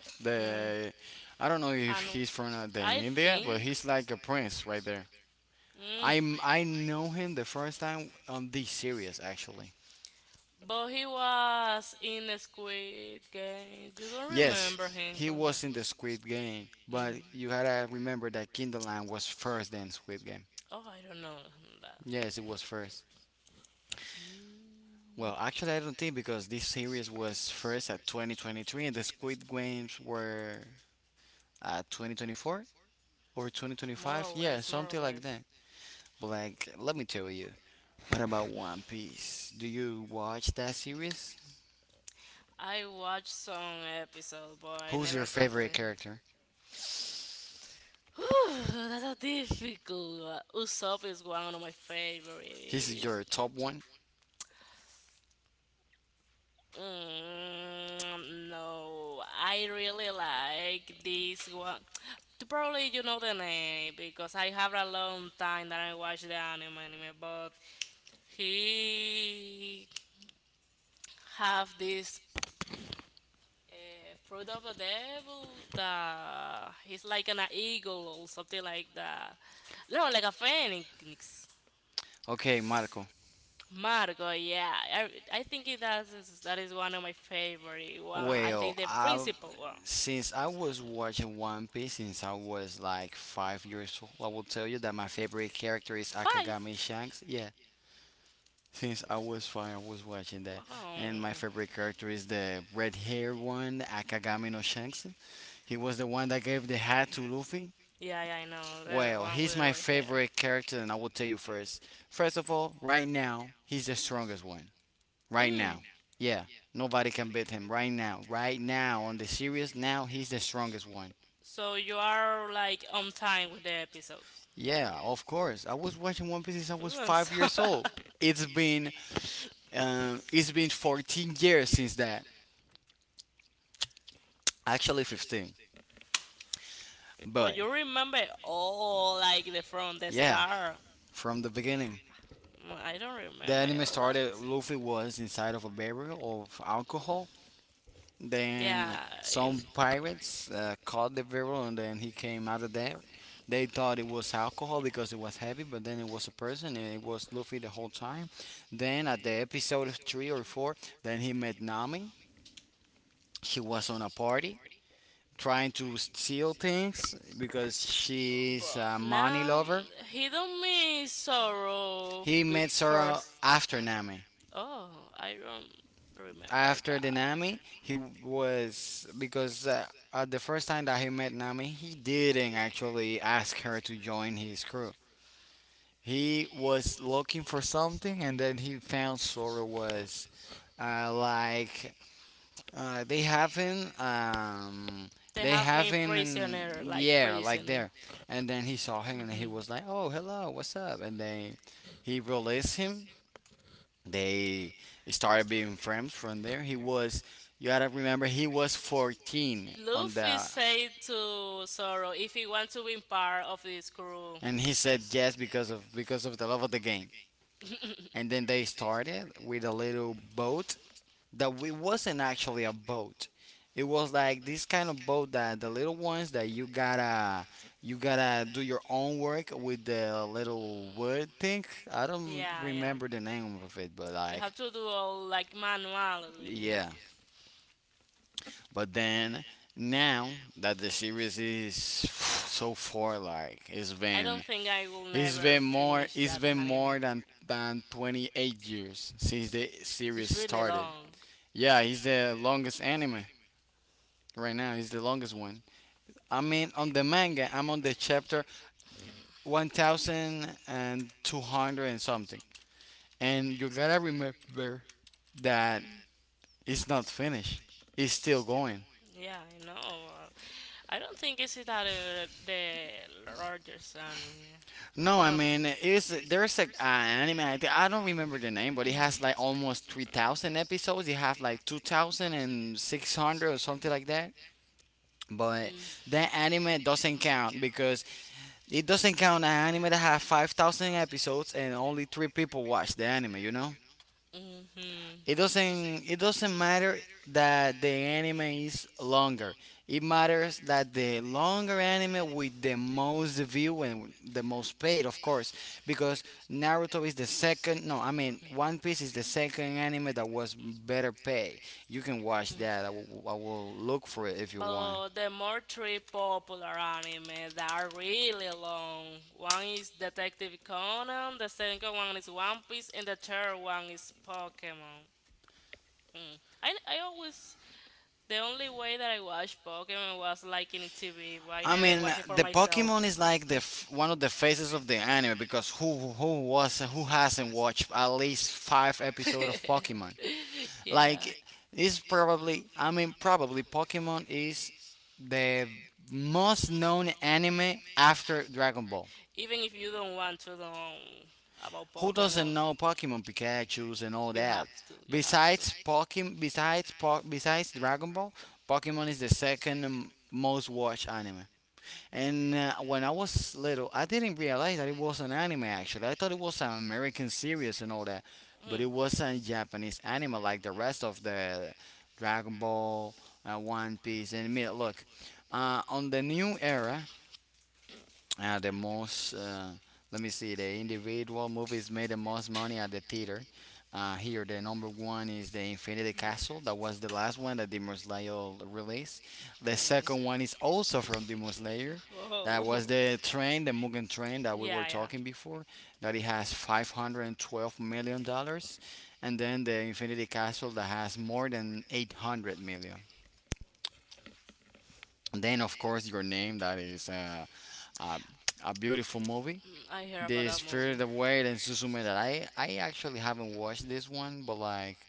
B: Mm,
A: The I don't know if
B: Anu,
A: he's from uh, the
B: I
A: India, but
B: think.
A: he's like a prince right there.
B: Mm,
A: I am I know him the first time on this series actually.
B: but he was in the Squid Game. You don't
A: Yes,
B: remember him
A: he
B: from that.
A: was in the Squid Game, but
B: Mm.
A: you gotta remember that Kinderland was first than Squid Game.
B: Oh, I don't know that.
A: Yes, it was first.
B: Mm,
A: Well, actually, I don't think, because this series was first at twenty twenty-three and the Squid Games were at twenty twenty-four or
B: more
A: twenty twenty-five.
B: or
A: Yeah,
B: less, more or
A: something like
B: less.
A: that. But like, let me tell you. What about One Piece? Do you watch that series?
B: I watched some episode, but I
A: Who's your
B: never
A: favorite
B: completed.
A: character?
B: Whew, that's a difficult. Usopp is one of my
A: He's your
B: favorites.
A: top one.
B: Mm, no, I really like this one. You probably you know the name because I have a long time that I watch the anime, anime but he have this uh, fruit of the devil that he's like an eagle or something like that. No, like a phoenix.
A: Okay, Marco.
B: Marco, yeah, I, I think it that is that is one of my favorite one. I
A: Well,
B: think the
A: I
B: principal one.
A: since I was watching One Piece since I was like five years old, I will tell you that my favorite character is
B: Five.
A: Akagami Shanks. Yeah, since I was five, I was watching that,
B: Wow.
A: and my favorite character is the red-haired one, Akagami no Shanks. He was the one that gave the hat to Luffy.
B: Yeah, yeah, I know. The
A: Well,
B: one with
A: he's
B: the
A: my
B: red hair.
A: favorite character, and I will tell you first. First of all, right now, he's the strongest one right
B: Mm.
A: now. Yeah, nobody can beat him right now. Right now, on the series, now he's the strongest one.
B: So you are like on time with the episodes.
A: Yeah, of course. I was watching One Piece since I was
B: Even
A: five
B: so-
A: years old. It's been um, it's been fourteen years since that. Actually, fifteen.
B: but
A: But
B: you remember all like the from the
A: yeah,
B: star.
A: from the beginning,
B: Mm, I don't
A: the
B: remember
A: anime
B: all that.
A: started. Luffy was inside of a barrel of alcohol. Then
B: Yeah, in,
A: some pirates uh, caught the barrel and then he came out of there. They thought it was alcohol
B: yeah.
A: because it was heavy, but then it was a person and it was Luffy the whole time. Then at the episode three or four, then he met Nami. She was on a party trying to steal things because
B: B-
A: she's a
B: But
A: money
B: now
A: lover.
B: he don't mean sorrow
A: He
B: f- be
A: met her uh,
B: first.
A: after Nami.
B: Oh, I don't remember
A: after the
B: that.
A: Nami, he was because uh, uh, the first time that he met Nami, he didn't actually ask her to join his crew. He was looking for something, and then he found Sora was uh, like uh, they haven't um,
B: They
A: they
B: have him prisoner,
A: haven't
B: like
A: yeah, like
B: prisoner.
A: there, and then he saw him and he
B: Hmm
A: was like, oh, hello, what's up, and then he released him. They started being friends from there. He was, you gotta remember, he was fourteen on
B: Luffy
A: the,
B: said to Zoro if he wants to be part of this crew.
A: and he said yes because of because of the love of the game. And then they started with a little boat that we wasn't actually a boat. It was like this kind of boat that the little ones that you gotta you gotta do your own work with the little wood thing. I don't
B: Yeah, yeah.
A: remember the name of it, but
B: You
A: like
B: have to do all like manually.
A: yeah. But then now that the series is so far, like it's
B: Don't
A: been
B: been think been I will
A: it's been more it's been more than than twenty-eight years since the series started.
B: long.
A: Yeah, it's the longest anime right now. It's the longest one. I mean, on the manga, I'm on the chapter one thousand two hundred and two hundred and something. And you gotta remember that it's not finished. It's still going.
B: Yeah, I know. Uh, I don't think it's that uh, the largest anime.
A: No, I mean it's there's a, an anime. I, thi- I don't remember the name, but it has like almost three thousand episodes. It have like two thousand and six hundred or something like that. But that anime doesn't count because it doesn't count an anime that have five thousand episodes and only three people watch the anime. You know.
B: Mm-hmm.
A: It doesn't it doesn't matter that the anime is longer. It matters that the longer anime with the most view and the most paid, of course, because Naruto is the second. No, I mean One Piece is the second anime that was better paid. You can watch that. I will, I will look for it if you want.
B: But the more three popular anime that are really long. One is Detective Conan, the second one is One Piece, and the third one is Pokemon. Mm. I, I always the only way that I watched Pokemon was like in T V, but I
A: I
B: never
A: mean,
B: watched it for
A: the
B: myself.
A: Pokemon is like the f- one of the faces of the anime because who who was who hasn't watched at least five episodes of Pokemon?
B: Yeah.
A: Like, it's probably, I mean, probably Pokemon is the most known anime after Dragon Ball.
B: Even if you don't want to know about
A: Who doesn't
B: Pokemon,
A: know Pokemon, Pikachu's and all
B: have
A: that?
B: to. You have to.
A: Besides Pokemon, besides po- besides Dragon Ball, Pokemon is the second um, most watched anime. And uh, when I was little, I didn't realize that it was an anime actually. I thought it was an American series and all that, but it was a Japanese anime like the rest of the Dragon Ball, uh, One Piece, and me. Look, uh, on the new era, uh, the most uh, let me see the individual movies made the most money at the theater. Uh, here the number one is the Infinity Castle, that was the last one that Demon Slayer released. The
B: Okay.
A: second one is also from Demon Slayer, that
B: Oh.
A: was the train the Mugen Train that we were
B: Yeah, yeah.
A: talking before, that it has five hundred twelve million dollars. And then the Infinity Castle, that has more than eight hundred million. And then, of course, Your Name, that is uh, um, a beautiful movie.
B: Mm, I hear about
A: The
B: that movie.
A: Spirit Away and Suzume, that I I actually haven't watched this one, but like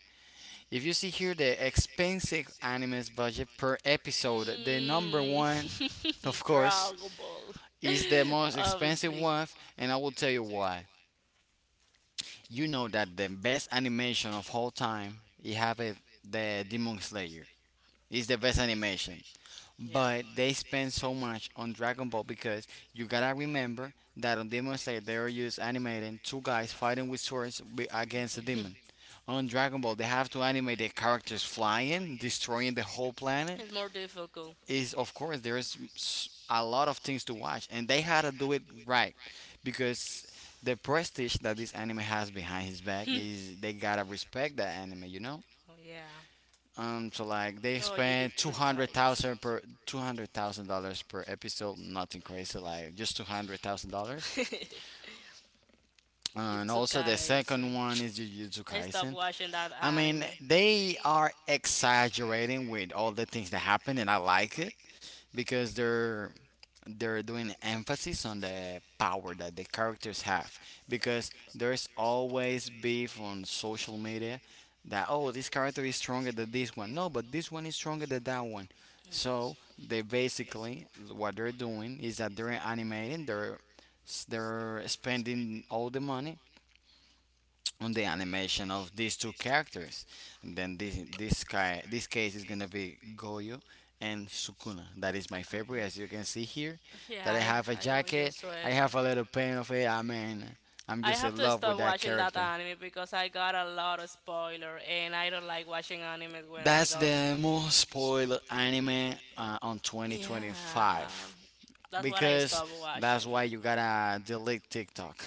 A: if you see here the expensive anime's budget per episode, the number one,
B: Episode,
A: of course,
B: mm. Ball.
A: is the most
B: The most
A: expensive one, and I will tell you why. You know that the best animation of all time, you have it, the Demon Slayer. It's the best animation.
B: yeah.
A: But they spend so much on Dragon Ball because you gotta remember that on Demon Slayer they were just animating two guys fighting with swords wi- against a demon. On Dragon Ball, they have to animate the characters flying, destroying the whole
B: It's
A: planet.
B: planet more difficult. The
A: Is of course there's s- a lot of things to watch, and they had to do it right, because the prestige that this anime has behind his back is they gotta respect that anime, you know.
B: Oh, yeah.
A: Um, so like they spend two hundred thousand per two hundred thousand dollars per episode. Nothing crazy, like just two
B: two hundred two hundred it's like just
A: hundred thousand dollars.
B: two hundred thousand. Jujutsu dollars.
A: And also the
B: Kaisen.
A: second one is Jujutsu
B: I stopped
A: Kaisen.
B: watching that
A: I
B: anime.
A: mean, they are exaggerating with all the things that happen, and I like it because they're they're doing emphasis on the power that the characters have, because there's always beef on social media that, oh, this character is stronger than this one, no, but this one is stronger than that one. So they basically what they're doing is that they're animating, they're s- they're spending all the money on the animation of these two characters. And then this
B: Mhm.
A: this guy, this case, is gonna be Goyo and Sukuna. That is my favorite, as you can see here. That
B: Yeah,
A: I
B: I,
A: have a
B: I was your
A: jacket, I
B: sweater.
A: have a little paint of it. I mean, I'm
B: I
A: just
B: have
A: in
B: to
A: love with
B: stop
A: that
B: watching that
A: character.
B: anime because I got a lot of spoiler and I don't like watching anime when I
A: That's
B: got
A: the most spoiled anime uh, on
B: yeah,
A: twenty twenty-five,
B: that's what I
A: because
B: stopped
A: that's
B: watching.
A: why you gotta delete TikTok,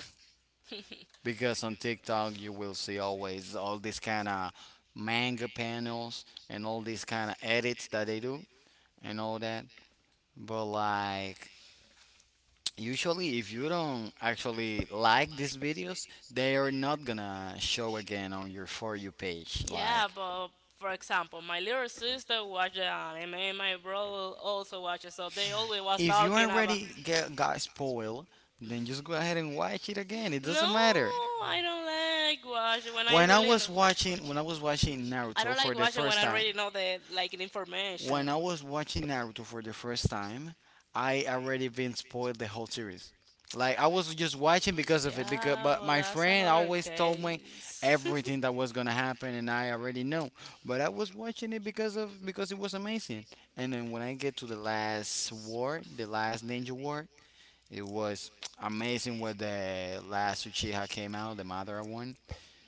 A: because on TikTok you will see always all these kind of manga panels and all these kind of edits that they do and all that. But like usually if you don't actually like these videos, they are not gonna show again on your for you page like
B: Yeah, but for example, my little sister watched the anime, and my brother also watches, so they always was
A: if you
B: talking about.
A: already get got spoiled, then just go ahead and watch it again. It
B: No,
A: doesn't matter.
B: I don't like watching when I
A: When I
B: really
A: was
B: know.
A: watching when I was watching
B: I
A: Naruto
B: don't like
A: for the
B: watching when
A: first
B: I
A: time,
B: already know the like the information.
A: When I was watching Naruto for the first time, I already been spoiled the whole series. Like I was just watching because of it. Because
B: Yeah,
A: but
B: but
A: my
B: that's
A: friend
B: another
A: always told me
B: case.
A: everything that was gonna happen, and I already know. But I was watching it because of because it was amazing. And then when I get to the last war, the last ninja war, it was amazing. When the last Uchiha came out, the Madara one.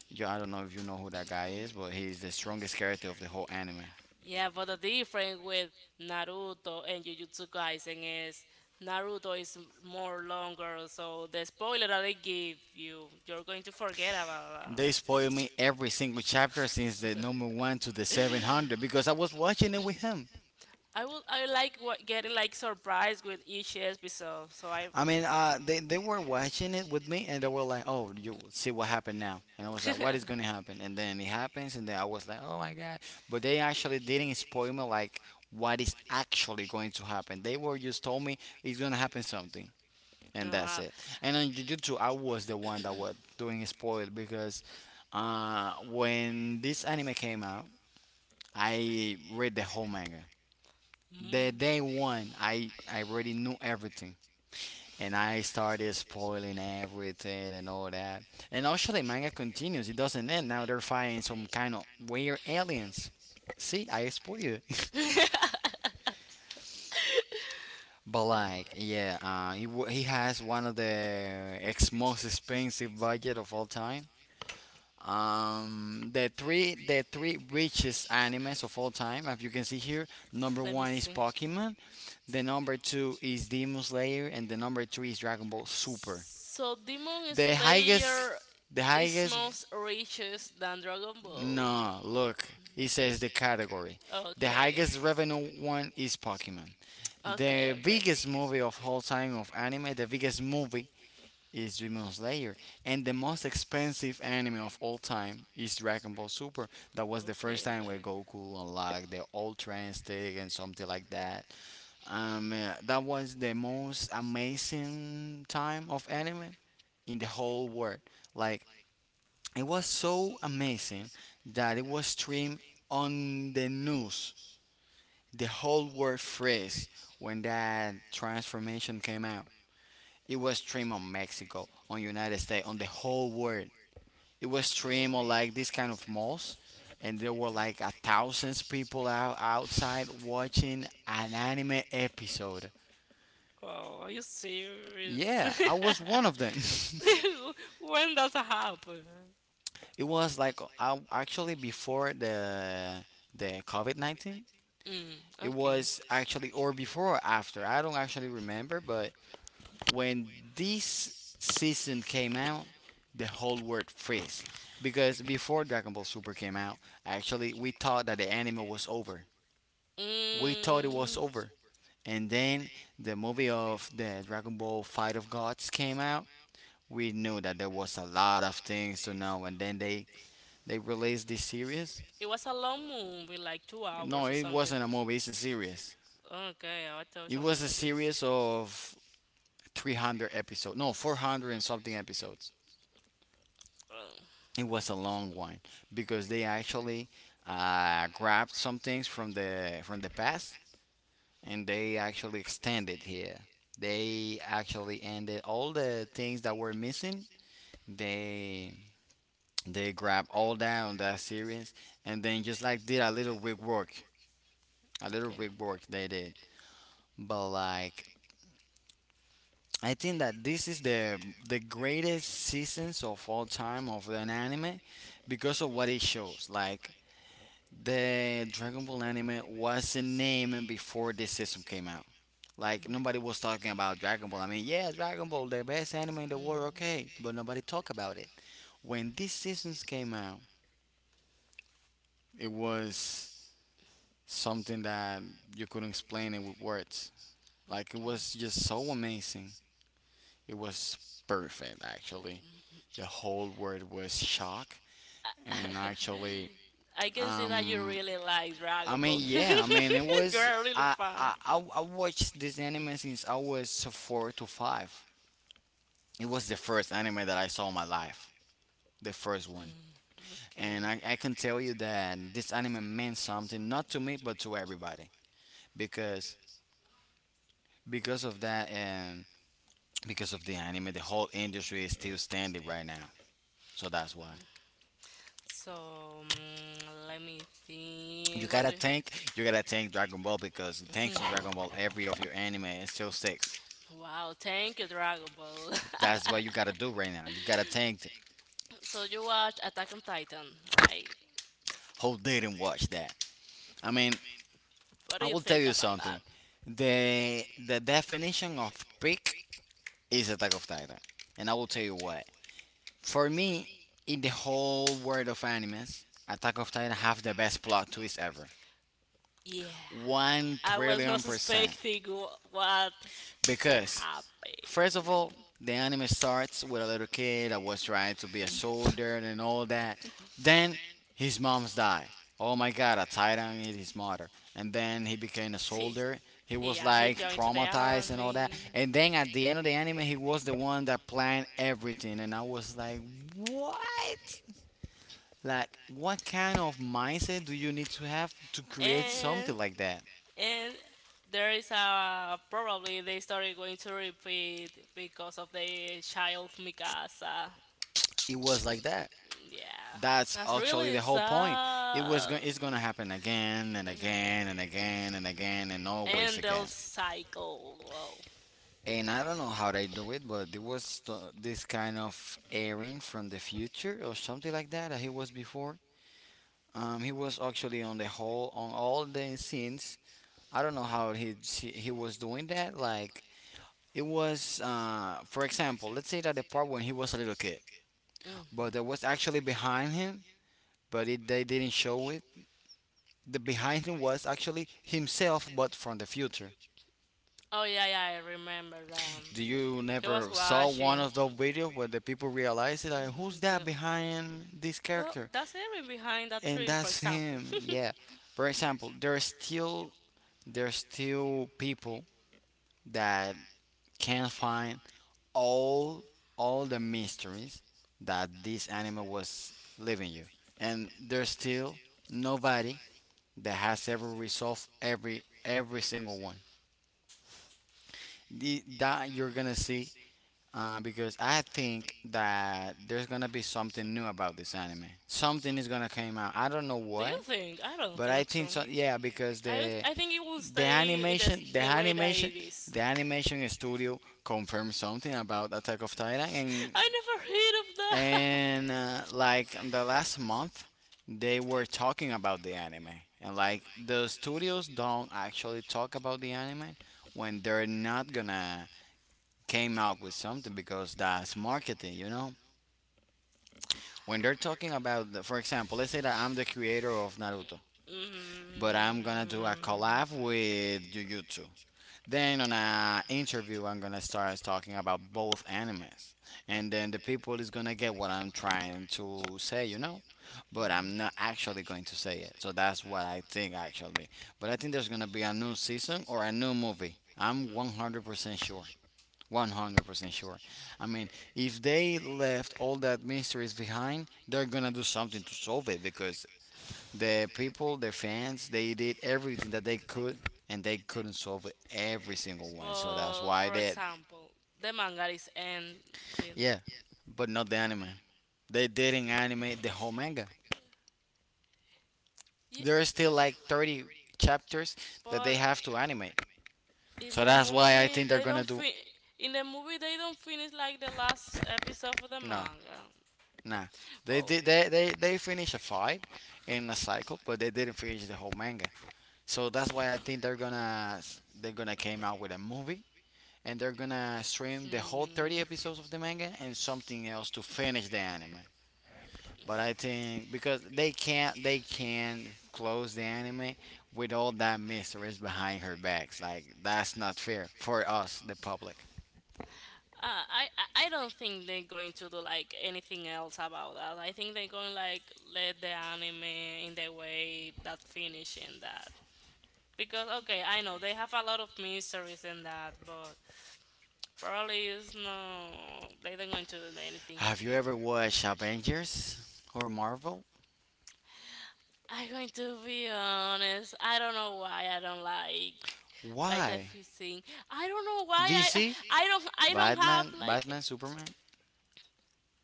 A: Yo, I don't know if you know who that guy is, but he's the strongest character of the whole anime.
B: Yeah, but the difference with Naruto and Jujutsu Kaisen is Naruto is more longer, so the spoiler that they give you, you're going to forget about
A: They
B: that.
A: spoil me every single chapter since the number one to the seven hundred because I was watching it with him.
B: I would, I like what, getting like surprised with each episode, so I.
A: I mean, uh, they, they were watching it with me, and they were like, oh, you will see what happened now. And I was like, what is going to happen? And then it happens and then I was like, oh my God. But they actually didn't spoil me like what is actually going to happen. They were just told me it's going to happen something.
B: no,
A: And that's
B: I-
A: it. And on Jujutsu, I was the one that was doing spoil because uh, when this anime came out, I read the whole manga. The
B: Mm.
A: day one, I I already knew everything, and I started spoiling everything and all that. And also, the manga continues; it doesn't end. Now they're fighting some kind of weird aliens. See, I spoiled it. But like, yeah, uh, he wa- he has one of the ex most expensive budget of all time. Um, the three the three richest animes of all time, as you can see here. Number
B: Let me
A: one is
B: see.
A: Pokemon. The number two is Demon Slayer, and the number three is Dragon Ball
B: Super.
A: Super.
B: So Demon
A: The highest, the
B: is most
A: highest.
B: richest than Dragon Ball.
A: No,
B: No,
A: look, it says the category.
B: the
A: The
B: okay.
A: highest revenue
B: Pokemon.
A: one is Pokemon.
B: Okay,
A: The biggest movie of all time of anime, the biggest movie is Demon Slayer, and the most expensive anime of all time is Dragon Ball Super. That was the first time where Goku unlocked the Ultra Instinct and something like that. Um, uh, that was the most amazing time of anime in the whole world. Like it was so amazing that it was streamed on the news. The whole world phrase when that transformation came out. It was streamed on Mexico, on United States, on the whole world. It was streamed
B: it.
A: on like this kind of malls, and there were like a thousands people out outside watching an anime episode.
B: Oh, are you serious?
A: Yeah, I was one of them.
B: When does it happen?
A: It was like I actually before the the COVID nineteen.
B: Mm,
A: It
B: okay.
A: was actually or before or after. I don't actually remember, but when this season came out, the whole world freeze because before Dragon Ball Super came out, actually we thought that the anime was over. We thought it was
B: Mm,
A: over. And then the movie of the Dragon Ball Fight of Gods came out, we knew that there was a lot of things to know, and then they they released this series.
B: it was a long movie, like two
A: No,
B: hours or
A: it
B: something.
A: wasn't a movie, it's a series.
B: Okay, I thought it was
A: It
B: a
A: was a
B: movie.
A: series of three hundred episodes, no, four hundred and something episodes.
B: Oh,
A: It was a long one because they actually uh, grabbed some things from the from the past, and they actually extended here. They actually ended all the things that were missing. they They grab all down that series, and then just like did a little rig work, a little
B: okay.
A: rig work they did. But like, I think that this is the the greatest seasons of all time of an anime because of what it shows. Like the Dragon Ball anime was a name before this season came out. Like nobody was talking about Dragon Ball. I mean, yeah, Dragon Ball, the best anime in the world, okay, but nobody talked about it. When these seasons came out, it was something that you couldn't explain it with words. Like it was just so amazing. It was perfect actually. The whole word was shock, and actually
B: I can see that you
A: um
B: really like Dragon
A: I
B: Ball.
A: mean, yeah, I mean it was
B: You're really
A: I
B: fan.
A: I, I I watched this anime since I was four to five. It was the first anime that I saw in my life. The first one.
B: Mm,
A: And
B: okay.
A: I, I can tell you that this anime meant something not to me but to everybody. Because because of that and because of the anime. The whole industry is still standing right now. So that's why.
B: So mm, let me
A: You
B: think. What
A: gotta
B: do?
A: thank you gotta thank Dragon Ball, because thanks to
B: Mhm.
A: Dragon Ball every of your anime is still six.
B: Wow, thank you, Dragon Ball.
A: That's what you gotta do right now. You gotta thank th-
B: So you watch Attack on Titan, right?
A: who didn't watch that. I mean,
B: What
A: I
B: do you
A: will tell
B: think
A: you
B: about that?
A: something. The the definition of peak is Attack of Titan. And I will tell you what. For me, in the whole world of animes, Attack of Titan have the best plot twist ever.
B: Yeah,
A: One
B: I was
A: trillion
B: not
A: percent.
B: expecting wh- what.
A: Because,
B: Happy.
A: first of all, the anime starts with a little kid that was trying to be a soldier and all that. Then his mom's die. Oh my god, a titan is his mother. And then he became a soldier. He
B: He,
A: was
B: yeah, he
A: like
B: joined to the
A: traumatized and all that.
B: army,
A: And then at the end of the anime, he was the one that planned everything. And I was like, what? Like, what kind of mindset do you need to have to create
B: and
A: something like that?
B: and there is a probably the story going to repeat because of the child Mikasa.
A: It was like that.
B: Yeah,
A: That's
B: that's
A: actually the
B: really
A: whole point. It was
B: sad.
A: going. It's gonna happen again and
B: Mm,
A: again and again and again and always
B: and they'll
A: again.
B: cycle. Well,
A: And I don't know how they do it, but there was th- this kind of airing from the future or something like that that he was before. Um, he was actually on the whole on all the scenes. I don't know how he he, he was doing that. Like it was, uh, for example, let's say that the part when he was a little kid, but there
B: mhm.
A: was actually behind him, but it, they didn't show it. The behind him was actually himself, but from the future.
B: Oh yeah, yeah, I remember. Um,
A: Do you
B: he was
A: never saw one
B: watching.
A: of those videos where the people realize it? Like, who's
B: Yeah.
A: that behind this
B: Well,
A: character?
B: that's everything behind that
A: And
B: tree, for
A: that's
B: example.
A: him, yeah. For example, there's still there's still people that can find all all the mysteries that this animal was leaving you, and there's still nobody that has ever resolved every every single one, the, that you're gonna see. Uh, because I think that there's gonna be something new about this anime. Something is gonna come out. I don't know
B: Do
A: what,
B: you think? I don't
A: but I
B: think so.
A: think so. Yeah, because
B: I would-
A: the
B: I think it will
A: the
B: stay in the
A: animation,
B: s-
A: the
B: in the way that
A: animation,
B: it is.
A: the animation studio confirmed something about Attack of Titan,
B: I never heard of that.
A: and and uh, like the last month, they were talking about the anime, and like the studios don't actually talk about the anime when they're not gonna came out with something because that's marketing, you know? When they're talking about, the- for example, let's say that I'm the creator of Naruto, but I'm gonna do a
B: Mm.
A: collab with Jujutsu. Then on a interview, I'm gonna start talking about both animes, and then the people is gonna get what I'm trying to say, you know?
B: Mhm. but
A: But
B: Mhm. I'm
A: I'm not actually going to say it, so that's what I think actually. But I think there's gonna be a new season or a new movie. I'm one hundred percent sure. one hundred percent sure. I mean, if they left all that mysteries behind, they're gonna do something to solve it because the people, the fans, they did everything that they could and they couldn't solve every single one. So that's why they.
B: the manga is ending.
A: Yeah, but not the anime. They didn't animate the whole manga.
B: Ye-
A: There are still like thirty chapters that
B: But
A: they have to animate.
B: in
A: So that's why I think they're gonna do.
B: reading. In the movie they don't finish like the last episode of the
A: No.
B: manga.
A: Nah, they
B: Well,
A: did. They they they finished a fight in a cycle, but they didn't finish the whole manga. So that's why I think they're gonna they're gonna came out with a movie, and they're gonna stream the whole thirty episodes of the manga and something else to finish the anime. But I think because they can't they can close the anime with all that mysteries behind her backs. Like that's not fair for us, the public.
B: Uh, I I I don't think they're going to do like anything else about that. I think they're going like let the anime in the way that finish in that because okay, I know they have a lot of mysteries in that, but probably it's no, they're not going to do anything.
A: Have you ever watched Avengers or Marvel?
B: I'm going to be honest. I don't know why I don't like that type
A: Why?
B: of thing. I don't know why I I
A: D C,
B: I don't I don't have
A: Batman,
B: like.
A: Batman, Superman.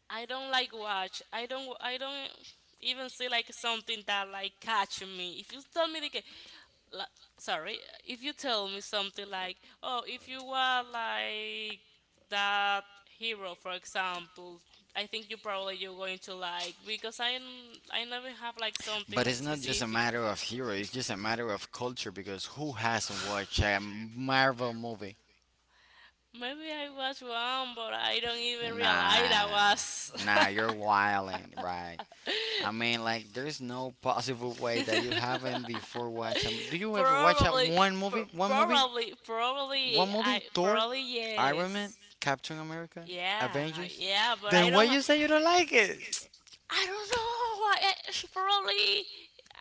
B: I don't like watch. I don't. I don't even see like something that like catch me. If you tell me like, la- sorry, if you tell me something like, oh, if you were like that hero, for example, I think you probably you're going to like because I n- I never have like something
A: But
B: like
A: it's not just a
B: specific.
A: matter of hero. It's just a matter of culture because who hasn't watched a Marvel movie?
B: Maybe I watch one, but I don't even realize I
A: Nah,
B: was.
A: nah, you're wilding, right? I mean, like, there's no possible way that you haven't before watched. A, do you ever watch a
B: probably,
A: one movie?
B: pr-
A: One movie?
B: probably, probably,
A: One movie?
B: I
A: Thor?
B: probably
A: Iron Man,
B: yes.
A: Captain America,
B: Yeah,
A: Avengers.
B: yeah, but I
A: Then why
B: don't.
A: you say you don't like it?
B: I don't know. I, I- probably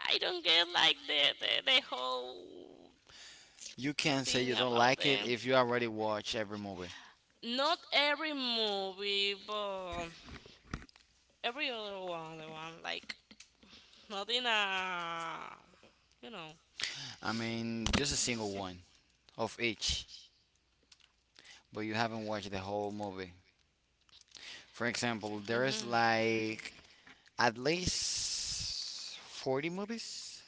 B: I don't get like the, the the whole
A: You can't say
B: thing
A: you don't
B: about
A: like it
B: them.
A: if you already watched every movie.
B: Not every movie, but every other one, the one like not in a you know.
A: I mean, just a single one of each, but you haven't watched the whole movie. For example, there is
B: Mhm.
A: like at least forty movies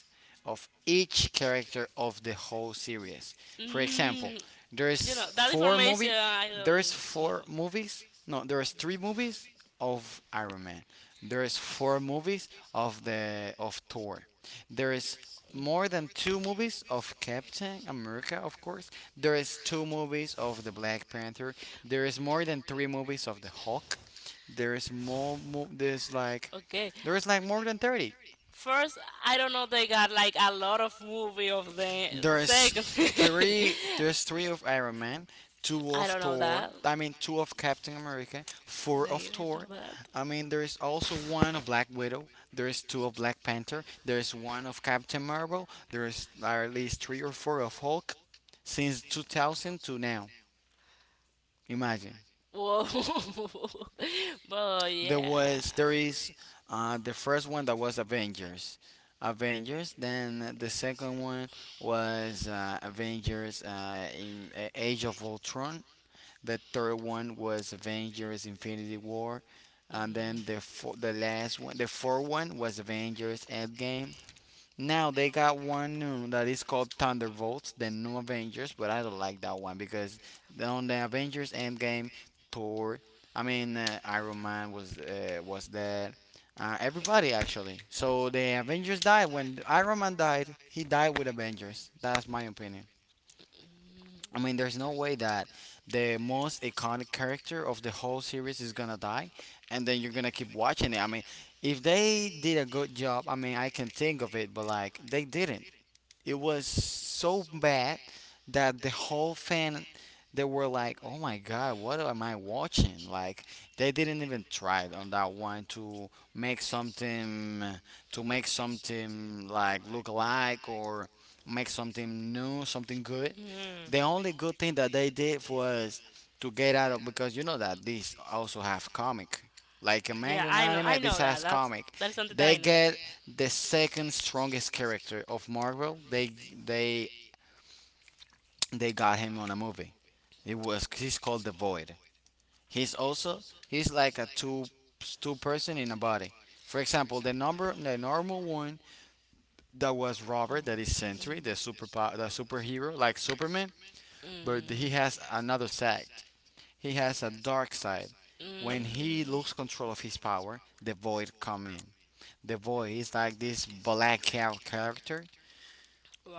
A: of each character of the whole series. For example,
B: Mm, you know,
A: there's
B: that
A: four
B: information
A: movie
B: I don't
A: there's four
B: know.
A: movies, no, there's three movies of Iron Man. There's four movies of the of Thor. There is more than two movies of Captain America, of course. There is two movies of the Black Panther. There is more than three movies of the Hulk. There is more. Mo- there's like
B: Okay.
A: there's like more than thirty.
B: First, I don't know they got like a lot of movie of the
A: There's
B: second.
A: three there's three of Iron Man, two
B: I
A: of
B: don't know
A: Thor,
B: that.
A: I mean two of Captain America,
B: I
A: four
B: don't
A: of
B: even
A: Thor.
B: know that.
A: I mean there is also one of Black Widow, there is two of Black Panther, there is one of Captain Marvel, there is at least three or four of Hulk since two thousand to now. Imagine.
B: Whoa. but
A: There
B: yeah.
A: was there is uh, the first one, that was Avengers, Avengers. Then the second one was uh, Avengers uh, in, uh, Age of Ultron. The third one was Avengers Infinity War, and
B: Mm.
A: then the fo- the last one, the fourth one was Avengers Endgame. Now they got one new that is called Thunderbolts, the new Avengers, but I don't like that one because on the Avengers Endgame, Thor, I mean uh, Iron Man was uh, was dead, uh, everybody actually. So the Avengers died when Iron Man died. He died with Avengers. That's my opinion. I mean, there's no way that the most iconic character of the whole series is gonna die, and then you're gonna keep watching it. I mean, if they did a good job, I mean, I can think of it, but like they didn't. It was so bad that the whole fan they were like, "Oh my god, what am I watching?" Like they didn't even try it on that one to make something to make something like look alike or make something new, something good.
B: Mm.
A: The
B: mm.
A: only good thing that they did was to get out of because you know that these also have comic. Like a
B: Yeah,
A: manga and
B: I know. I
A: anime, this
B: know that.
A: has
B: That's
A: comic.
B: that is something that
A: They
B: I know.
A: get the second strongest character of Marvel. They they they got him on a movie. It was he's called the Void. He's also he's like a two two person in a body. For example, the number the normal one that was Robert, that is Sentry, the super the superhero like Superman, but he
B: Mm.
A: has another side. He has a dark side.
B: When
A: When
B: mm.
A: he loses control of his power, the Void come in. The Void is like this black cat character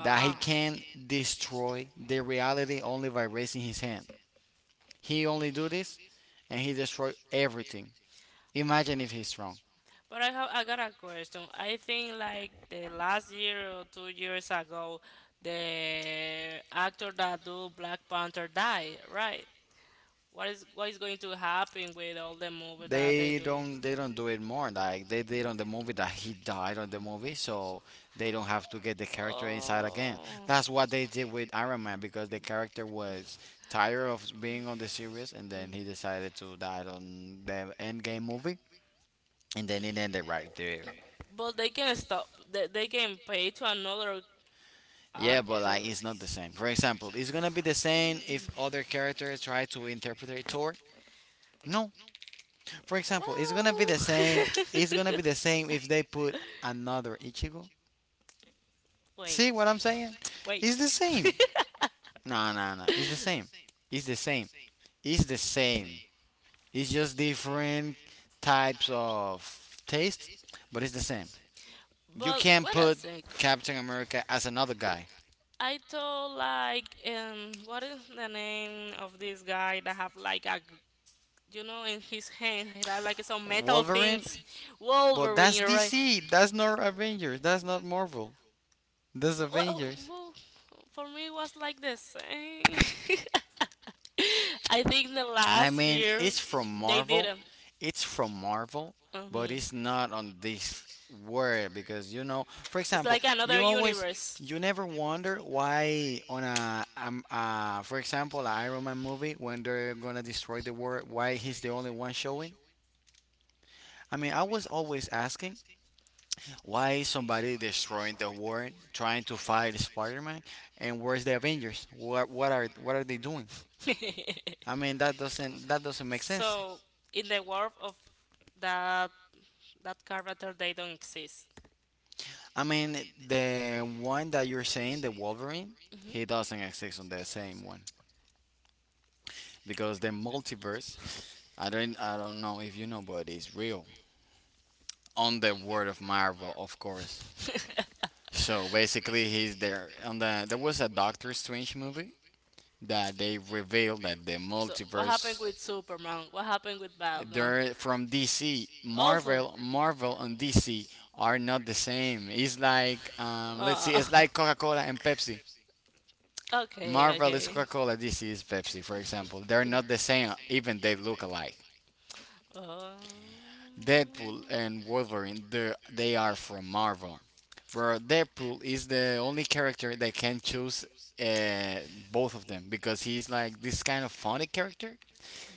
A: that he can destroy the reality only by raising his hand. He only do this and he destroy everything. Imagine if he's wrong.
B: But I have I got a question. I think like the last year or two years ago, the actor that do Black Panther died, right? What is what is going to happen with all the movies that they
A: They
B: do?
A: don't they don't do it more like they did on the movie. That he died on the movie so they don't have to get the character inside again. That's what they did with Iron Man because the character was tired of being on the series and then he decided to die on the end game movie and then it ended right there.
B: But they can stop. They, they can pay to another. Yeah,
A: Yeah, but like it's not the same. For example, it's gonna be the same if other characters try to interpret it toward. No. For example, it's gonna be the same. It's gonna be the same if they put
B: put.
A: another Ichigo. See what I'm saying?
B: I'm wait.
A: It's the same. No, no, no. It's the same. It's the same. It's the same. It's just different types of taste, but it's the same. You
B: but
A: can't put Captain America as another guy.
B: I told like um what is the name of this guy that have like a g- you know in his hand he have like some metal
A: Wolverine.
B: things.
A: But that's
B: Wolverine right.
A: D C. That's not Avengers. That's not Marvel. That's
B: Wha- wha-
A: Avengers.
B: wha- for me it was like the same. I think the
A: I
B: last
A: mean,
B: year
A: it's from
B: they did
A: Marvel.
B: it.
A: It's from Marvel, but
B: Hmm,
A: it's not on this world because you know. For
B: it's
A: example,
B: like
A: you
B: another
A: always,
B: universe.
A: you never wonder why on a, um, uh, for example, a Iron Man movie when they're gonna destroy the world, why he's the only one showing. I mean, I was always asking, why is somebody destroying the world, trying to fight Spider-Man, and where's the Avengers? What what are what are they doing? I mean that doesn't that doesn't make sense.
B: So in the world of that that character, they don't exist.
A: I mean the one that you're saying, the Wolverine,
B: Mhm.
A: he doesn't exist on the same one because the multiverse. I don't I don't know if you know, but it's real on the world of Marvel, of course. So basically, he's there on the. There was a Doctor Strange movie that they revealed that the
B: So what happened
A: multiverse.
B: with Superman? What happened with Batman?
A: They're from D C.
B: Also,
A: Marvel, Marvel, and D C are not the same. It's like, um, let's see,
B: uh,
A: it's like Coca Cola and Pepsi.
B: okay,
A: Marvel is
B: okay.
A: Coca Cola, D C is Pepsi, for example. They're not the same, even they look alike.
B: Oh.
A: Deadpool and Wolverine, they they are from Marvel. Where Deadpool is the only character that can choose uh, both of them because he's like this kind of funny character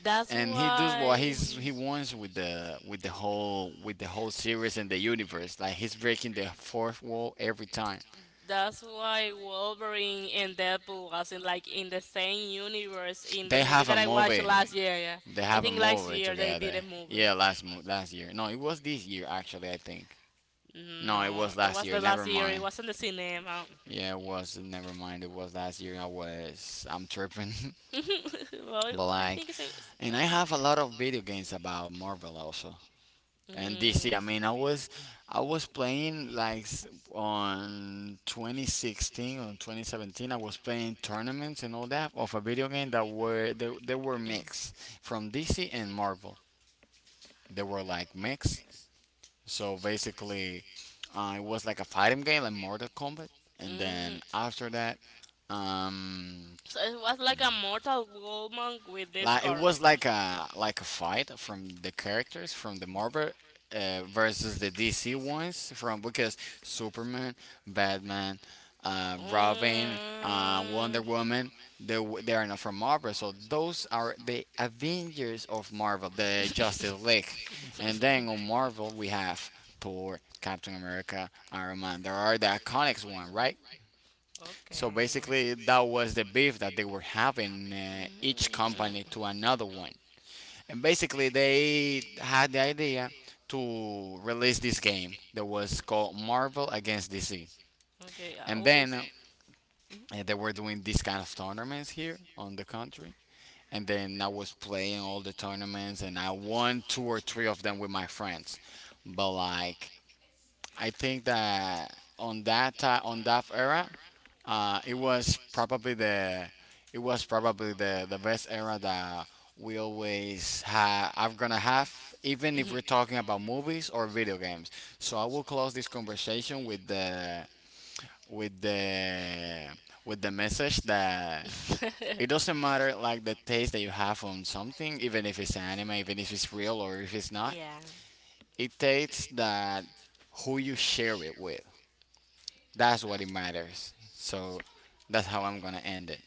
B: That's
A: and he does what
B: why
A: he's he wants with the with the whole with the whole series and the universe. Like he's breaking the fourth wall every time.
B: that's why Wolverine and Deadpool wasn't like in the same universe in the
A: They
B: movie
A: have a
B: that I watched
A: movie.
B: last year. Yeah,
A: They
B: I
A: have a
B: think last
A: movie
B: year they did
A: together.
B: a movie.
A: Yeah, last mo- last year. No, it was this year actually. I think.
B: No,
A: No, it
B: no,
A: was
B: that
A: last
B: was
A: year. Never
B: the year. It
A: mind.
B: wasn't the cinema.
A: Yeah, it was. Never mind. It was last year. I was. I'm tripping.
B: well,
A: But
B: I
A: like,
B: think it's a,
A: and I have a lot of video games about Marvel also. And
B: mm,
A: D C, I mean, I was I was playing like s- on twenty sixteen on twenty seventeen. I was playing tournaments and all that of a video game that were they, they were mixed from D C and Marvel. They were like mixed. So basically, uh, it was like a fighting game like Mortal Kombat. And
B: mm.
A: then after that, um,
B: So it was like a Mortal Kombat with these
A: like it
B: uh,
A: was like a like a fight from the characters from the Marvel uh, versus the D C ones from because Superman, Batman, uh,
B: Mortal
A: Robin, uh, Wonder
B: Kombat.
A: Woman. They, w- they are not from Marvel, so those are the Avengers of Marvel, the Justice League. And then on Marvel, we have Thor, Captain America, Iron Man. There are the iconics one, right?
B: So
A: So
B: okay.
A: basically, that was the beef that they were having, uh, each
B: Each
A: company to another one. And basically, they had the idea to release this game that was called Marvel against D C.
B: to, okay, I
A: And
B: and
A: then uh,
B: mhm.
A: they were doing these kind of tournaments here on the country. And then I was playing all the tournaments, and I won two or three of them with my friends. But like, I think that on that ti on that era, Uh, it was probably the it was probably the the best era that we always have. I'm gonna have, even if we're talking about movies or video games. So I will close this conversation with the with the with the message that it doesn't matter like the taste that you have on something, even if it's anime, even if it's real or if it's not.
B: yeah.
A: It tastes that who you share it with. That's what it matters. So that's how I'm gonna end it.